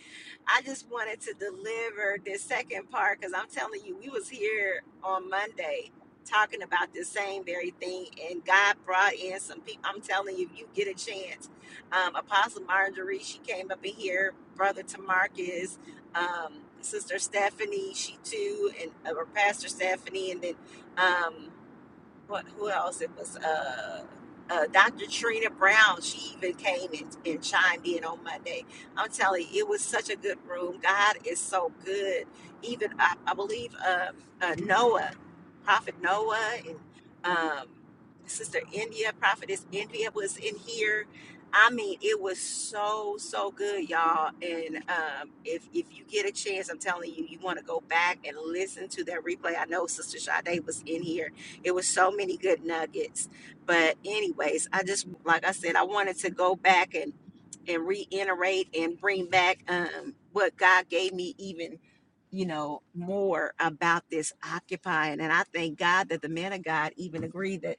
I just wanted to deliver this second part because I'm telling you, we was here on Monday talking about this same very thing, and God brought in some people. I'm telling you, if you get a chance, um, Apostle Marjorie, she came up in here, Brother Tamarcus, um, Sister Stephanie, she too, and uh, or Pastor Stephanie, and then. Um, what who else? It was uh, uh, Dr. Trina Brown. She even came and, and chimed in on Monday. I'm telling you, it was such a good room. God is so good. Even I, I believe uh, uh, Noah, Prophet Noah, and um, Sister India, Prophetess India was in here. I mean, it was so so good, y'all. And um, if if you get a chance, I'm telling you, you want to go back and listen to that replay. I know Sister Sade was in here it was so many good nuggets. But anyways, I just like I said, I wanted to go back and and reiterate and bring back um what God gave me even you know more about this occupying and i thank god that the men of god even agree that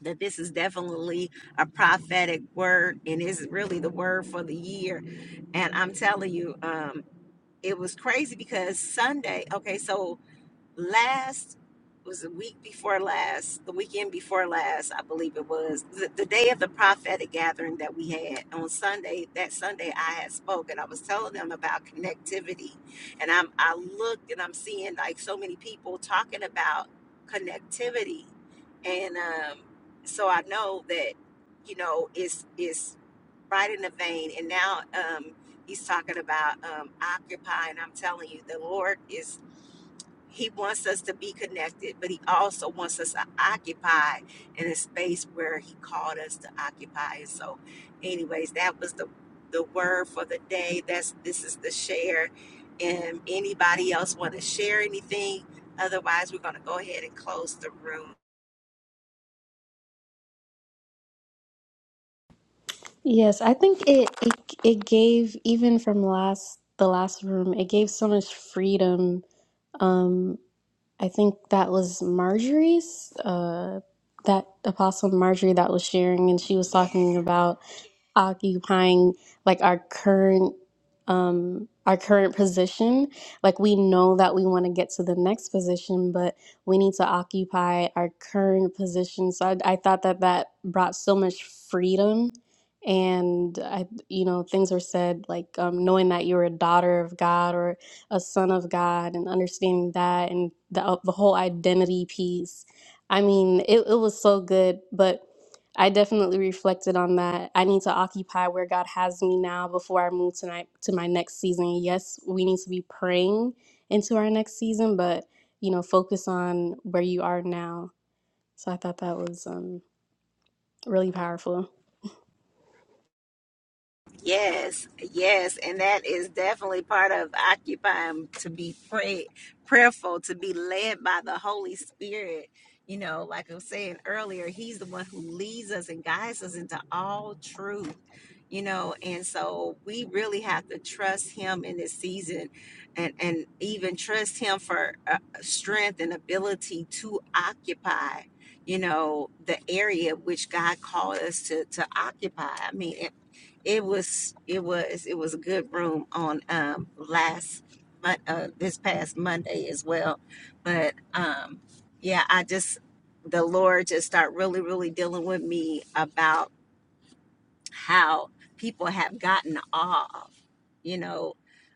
that this is definitely a prophetic word and is really the word for the year and i'm telling you um it was crazy because sunday okay so last was the week before last, the weekend before last, I believe it was the, the day of the prophetic gathering that we had on Sunday. That Sunday, I had spoken. I was telling them about connectivity, and I'm I looked and I'm seeing like so many people talking about connectivity, and um, so I know that you know it's it's right in the vein. And now um, he's talking about um, occupy, and I'm telling you, the Lord is. He wants us to be connected, but he also wants us to occupy in a space where he called us to occupy. And so, anyways, that was the the word for the day. That's this is the share. And anybody else want to share anything? Otherwise, we're going to go ahead and close the room. Yes, I think it, it it gave even from last the last room, it gave so much freedom. Um, I think that was Marjorie's uh that apostle Marjorie that was sharing and she was Yeah. talking about occupying like our current um our current position like we know that we want to get to the next position but we need to occupy our current position so i, I thought that that brought so much freedom and i you know things were said like um, knowing that you're a daughter of god or a son of god and understanding that and the, uh, the whole identity piece i mean it, it was so good but I definitely reflected on that. I need to occupy where God has me now before I move tonight to my next season. Yes, we need to be praying into our next season, but you know, focus on where you are now. So I thought that was um, really powerful. Yes, yes, and that is definitely part of occupying to be pray prayerful, to be led by the Holy Spirit. You know, like I was saying earlier, He's the one who leads us and guides us into all truth. You know, and so we really have to trust Him in this season, and and even trust Him for uh, strength and ability to occupy. You know, the area which God called us to to occupy. I mean. It was it was it was a good room on um last mon- uh this past Monday as well. But um yeah, I just the Lord just start really really dealing with me about how people have gotten off, you know,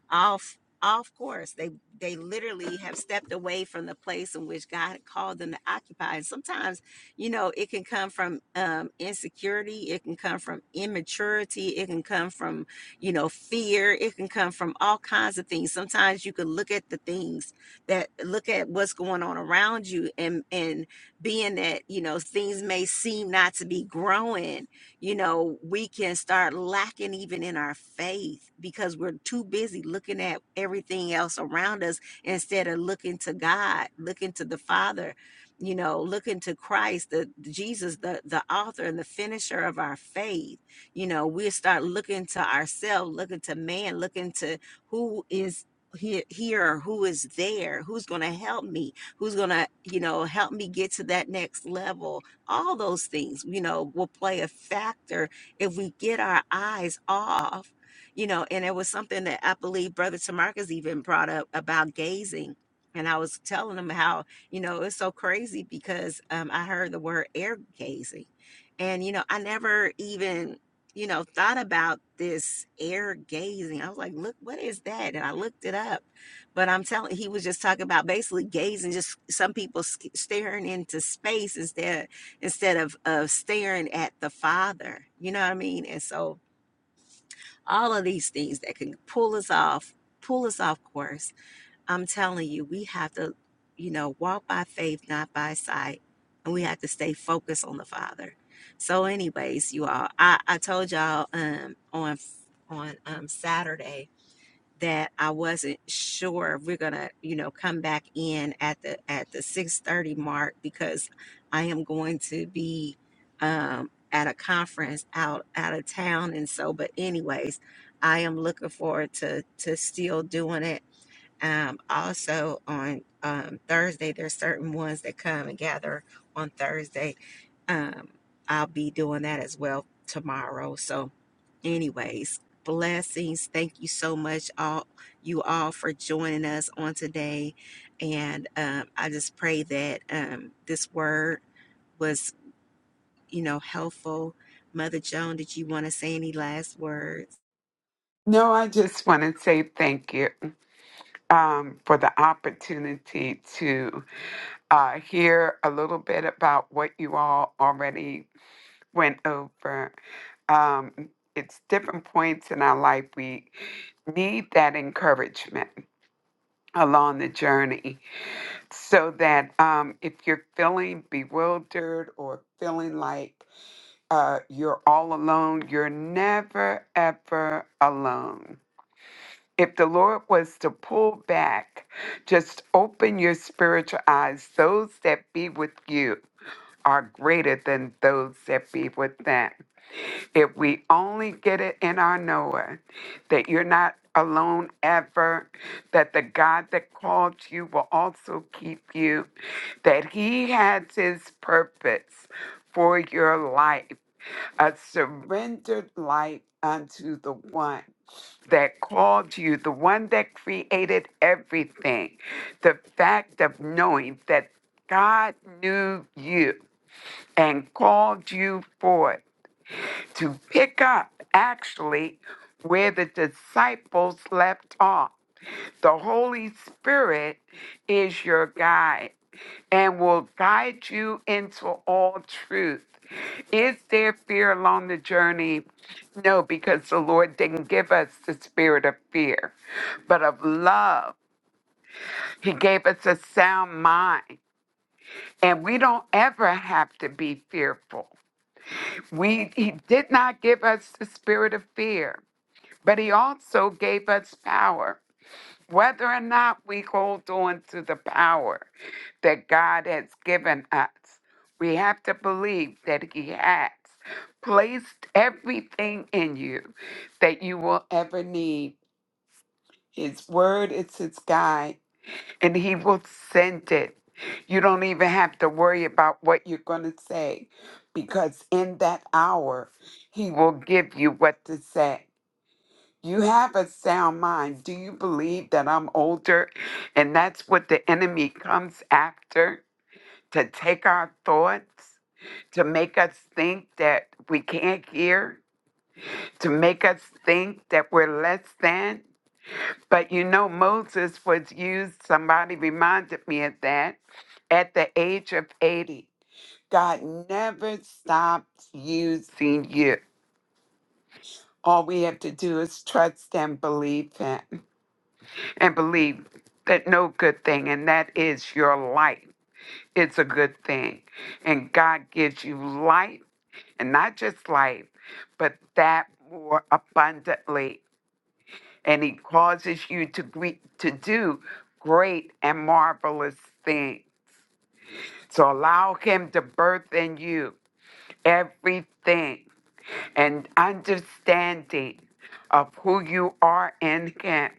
off off course. They they literally have stepped away from the place in which God called them to occupy. And sometimes, you know, it can come from um, insecurity, it can come from immaturity, it can come from, you know, fear, it can come from all kinds of things. Sometimes you can look at the things that look at what's going on around you and and being that, you know, things may seem not to be growing you know, we can start lacking even in our faith because we're too busy looking at everything else around us instead of looking to God, looking to the Father, you know, looking to Christ, the Jesus, the the author and the finisher of our faith. You know, we start looking to ourselves, looking to man, looking to who is here here who is there who's going to help me who's going to you know help me get to that next level all those things, you know, will play a factor if we get our eyes off, you know. And it was something that I believe Brother Tamarcus even brought up about gazing. And I was telling him how, you know, it's so crazy because um, I heard the word air gazing. And, you know, I never even, you know, thought about this air gazing. I was like, look, what is that? And I looked it up but I'm telling he was just talking about basically gazing, just some people sk- staring into space instead instead of of staring at the father you know what i mean and so all of these things that can pull us off pull us off course i'm telling you we have to you know walk by faith not by sight and we have to stay focused on the father so anyways you all i i told y'all um on on um saturday that I wasn't sure if we're gonna, you know, come back in at the at the six thirty mark because I am going to be um, at a conference out out of town, and so. But anyways, I am looking forward to to still doing it um, also on um, Thursday, there's certain ones that come and gather on Thursday. Um, I'll be doing that as well tomorrow. So, anyways, blessings. Thank you so much, all you all, for joining us on today. And um, I just pray that um, this word was, you know, helpful. Mother Joan, did you want to say any last words? No, I just want to say thank you um, for the opportunity to uh, hear a little bit about what you all already went over. Um, it's different points in our life. We need that encouragement along the journey so that um, if you're feeling bewildered or feeling like uh, you're all alone. You're never, ever alone. If the Lord was to pull back, just open your spiritual eyes. Those that be with you are greater than those that be with them. If we only get it in our knowing that you're not alone ever, that the God that called you will also keep you, that He has His purpose for your life a surrendered life unto the one that called you, the one that created everything. The fact of knowing that God knew you and called you forth to pick up actually where the disciples left off. The Holy Spirit is your guide and will guide you into all truth. Is there fear along the journey? No, because the Lord didn't give us the spirit of fear, but of love. He gave us a sound mind, and we don't ever have to be fearful. We he did not give us the spirit of fear, but he also gave us power whether or not we hold on to the power that God has given us, we have to believe that He has placed everything in you that you will ever need. His word is His guide, and He will send it. You don't even have to worry about what you're going to say because in that hour, He will give you what to say. You have a sound mind. Do you believe that I'm older? And that's what the enemy comes after to take our thoughts, to make us think that we can't hear, to make us think that we're less than. But you know, Moses was used, somebody reminded me of that, at the age of 80. God never stops using you. All we have to do is trust and believe Him. and believe that no good thing, and that is your life, It's a good thing. And God gives you life, and not just life, but that more abundantly. And He causes you to, gre- to do great and marvelous things. So allow Him to birth in you everything and understanding of who you are in Him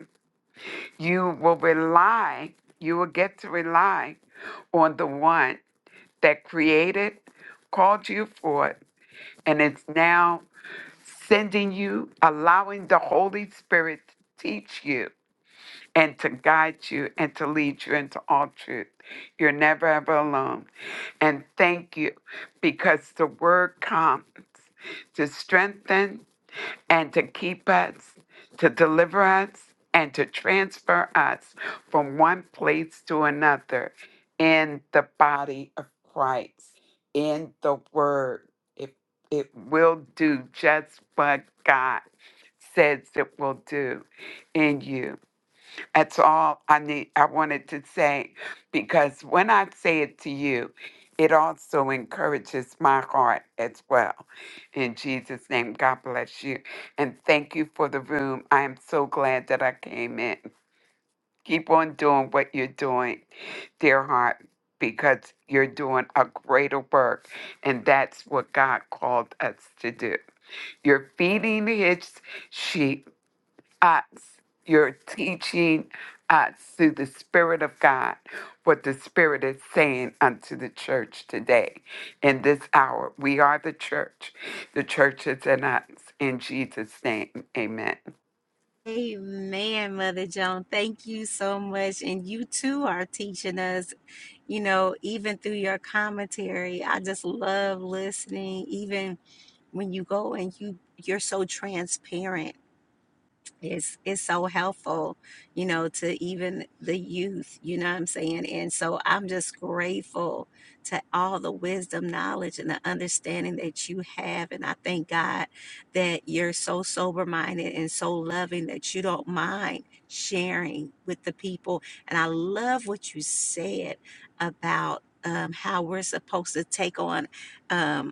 you will rely, you will get to rely on the one that created, called you for it, and is now sending you, allowing the Holy Spirit to teach you and to guide you and to lead you into all truth. You're never ever alone. And thank you because the word comes to strengthen, and to keep us, to deliver us, and to transfer us from one place to another in the body of Christ, in the Word. It, it will do just what God says it will do in you. That's all I need. I wanted to say because when I say it to you, it also encourages my heart as well. In Jesus' name, God bless you. And thank you for the room. I am so glad that I came in. Keep on doing what you're doing, dear heart, because you're doing a greater work. And that's what God called us to do. You're feeding his sheep acts, your teaching acts through the Spirit of God, what the Spirit is saying unto the church today. In this hour, we are the church. The church is in us. In Jesus' name, amen. Amen, Mother Joan. Thank you so much. And you too are teaching us, you know, even through your commentary. I just love listening, even when you go and you you're so transparent it's it's so helpful you know to even the youth you know what i'm saying and so i'm just grateful to all the wisdom knowledge and the understanding that you have and i thank god that you're so sober minded and so loving that you don't mind sharing with the people and i love what you said about um, how we're supposed to take on um,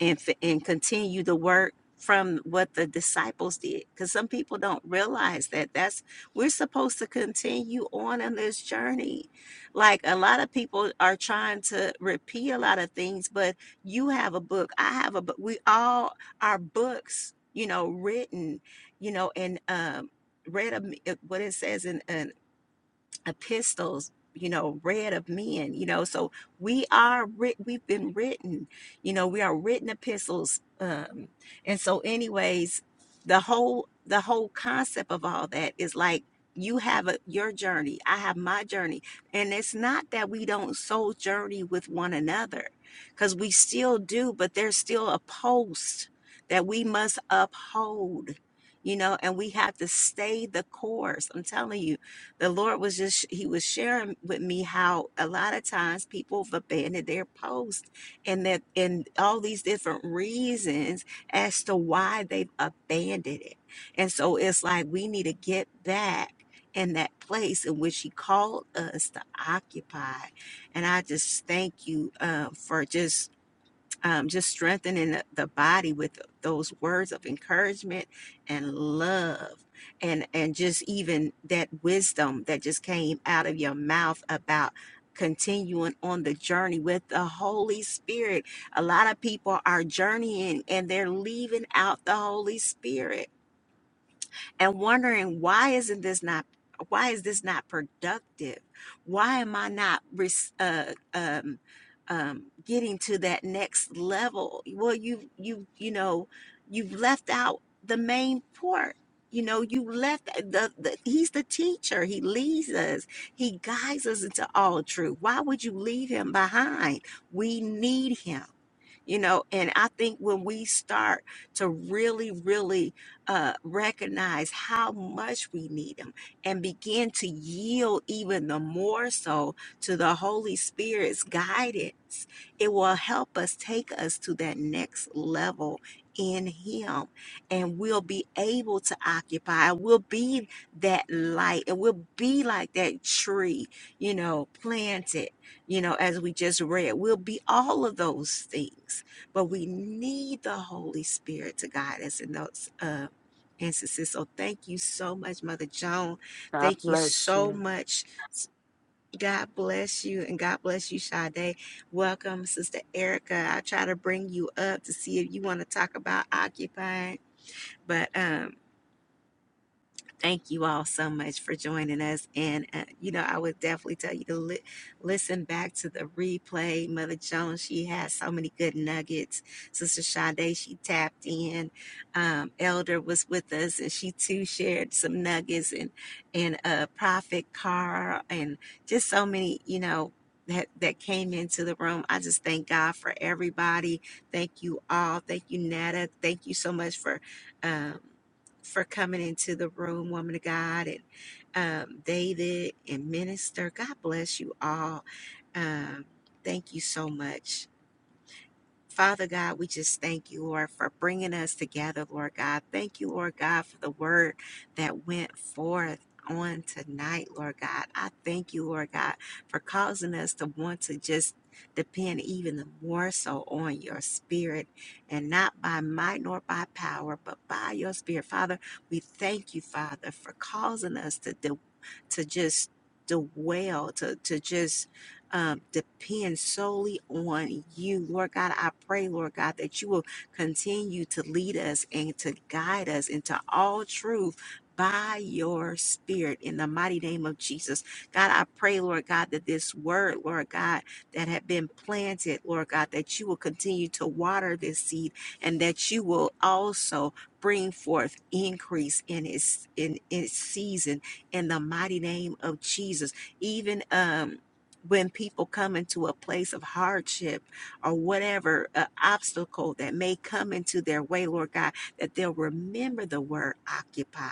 and f- and continue the work from what the disciples did because some people don't realize that that's we're supposed to continue on in this journey like a lot of people are trying to repeat a lot of things but you have a book i have a book we all our books you know written you know and um read a, what it says in in epistles you know read of men you know so we are writ- we've been written you know we are written epistles um and so anyways the whole the whole concept of all that is like you have a, your journey i have my journey and it's not that we don't soul journey with one another because we still do but there's still a post that we must uphold you know and we have to stay the course i'm telling you the Lord was just, He was sharing with me how a lot of times people have abandoned their post and that, and all these different reasons as to why they've abandoned it. And so it's like we need to get back in that place in which He called us to occupy. And I just thank you uh, for just um, just strengthening the the body with those words of encouragement and love and and just even that wisdom that just came out of your mouth about continuing on the journey with the holy spirit a lot of people are journeying and they're leaving out the holy spirit and wondering why isn't this not why is this not productive? Why am I not uh, um, um, getting to that next level? Well, you you you know you've left out the main part. You know, you left the, the he's the teacher. He leads us. He guides us into all truth. Why would you leave him behind? We need him you know and i think when we start to really really uh, recognize how much we need him and begin to yield even the more so to the holy spirit's guidance it will help us take us to that next level in him and we'll be able to occupy we'll be that light and we'll be like that tree you know planted you know, as we just read. We'll be all of those things, but we need the Holy Spirit to guide us in those uh, instances. So thank you so much, Mother Joan. God Thank you bless so you. much. God bless you, and God bless you, Sade. Welcome, Sister Erica. I try to bring you up to see if you want to talk about occupying, but um Thank you all so much for joining us. And, uh, you know, I would definitely tell you to li- listen back to the replay. Mother Jones, she has so many good nuggets. Sister Sade, she tapped in. Um, Elder was with us and she too shared some nuggets and, and, uh, Prophet Carr and just so many, you know, that, that came into the room. I just thank God for everybody. Thank you all. Thank you, Netta. Thank you so much for, um, for coming into the room, woman of God, and um, David and Minister. God bless you all. Um, thank you so much. Father God, we just thank you, Lord, for bringing us together, Lord God. Thank you, Lord God, for the word that went forth. On tonight, Lord God. I thank you, Lord God, for causing us to want to just depend even more so on your spirit and not by might nor by power, but by your spirit. Father, we thank you, Father, for causing us to, do, to just dwell, to, to just um, depend solely on you. Lord God, I pray, Lord God, that you will continue to lead us and to guide us into all truth by your spirit in the mighty name of Jesus. God, I pray, Lord God, that this word, Lord God, that had been planted, Lord God, that you will continue to water this seed and that you will also bring forth increase in its in its season in the mighty name of Jesus. Even um when people come into a place of hardship or whatever uh, obstacle that may come into their way, Lord God, that they'll remember the word occupy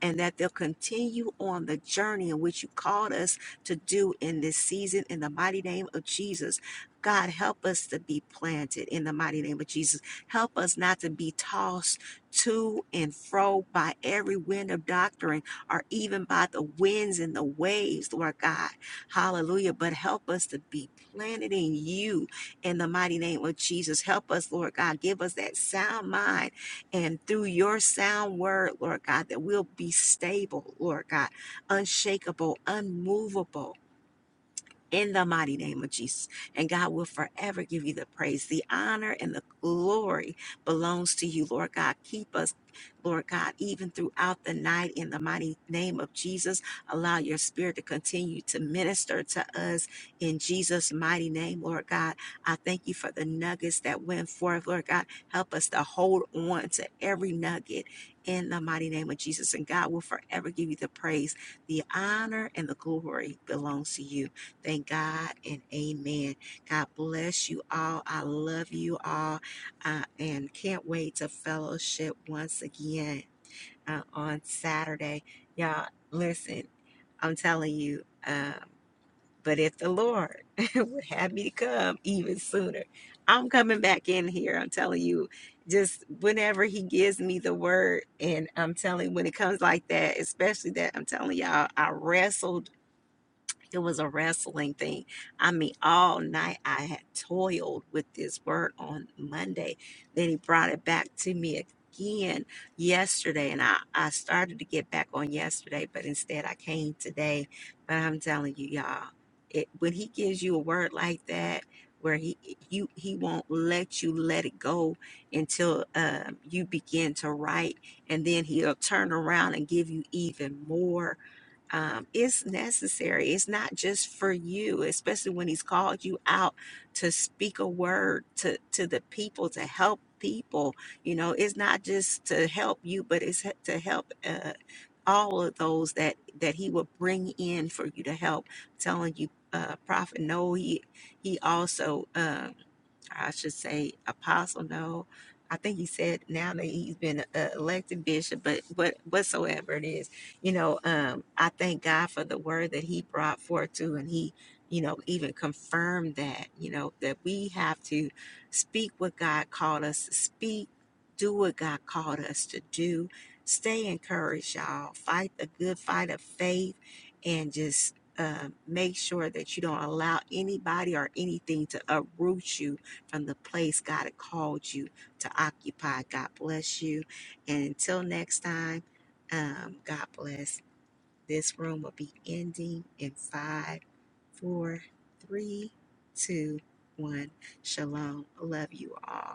and that they'll continue on the journey in which you called us to do in this season in the mighty name of Jesus. God, help us to be planted in the mighty name of Jesus. Help us not to be tossed to and fro by every wind of doctrine or even by the winds and the waves, Lord God Hallelujah. But help us to be planted in you in the mighty name of Jesus. Help us, Lord God. Give us that sound mind. And through your sound word, Lord God, that we'll be stable, Lord God, unshakable, unmovable in the mighty name of Jesus. And God will forever give you the praise, the honor, and the glory belongs to you, Lord God. Keep us, Lord God, even throughout the night in the mighty name of Jesus. Allow your spirit to continue to minister to us in Jesus' mighty name, Lord God. I thank you for the nuggets that went forth, Lord God. Help us to hold on to every nugget in the mighty name of Jesus. And God will forever give you the praise, the honor, and the glory belongs to you. Thank God and amen. God bless you all. I love you all uh, and can't wait to fellowship once again uh, on Saturday. Y'all, listen, I'm telling you, um, but if the Lord would have me to come even sooner, I'm coming back in here. I'm telling you, just whenever He gives me the word, and I'm telling you, when it comes like that, especially that I'm telling y'all, I wrestled it was a wrestling thing. I mean, all night I had toiled with this word on Monday. Then he brought it back to me again yesterday. And I, I started to get back on yesterday, but instead I came today. But I'm telling you, y'all, it, when he gives you a word like that, where he you he won't let you let it go until um, you begin to write, and then he'll turn around and give you even more um, it's necessary. It's not just for you, especially when He's called you out to speak a word to to the people to help people. You know, it's not just to help you, but it's he- to help uh, all of those that that He will bring in for you to help. telling you, uh, Prophet, no, He He also. uh, I should say apostle. No, I think he said now that he's been uh, elected bishop, but what whatsoever it is, you know, um, I thank God for the word that he brought forth too, and he, you know, even confirmed that, you know, that we have to speak what God called us to speak, do what God called us to do, stay encouraged, y'all, fight the good fight of faith, and just. Uh, make sure that you don't allow anybody or anything to uproot you from the place God had called you to occupy. God bless you. And until next time, um, God bless. This room will be ending in five, four, three, two, one. Shalom. Love you all.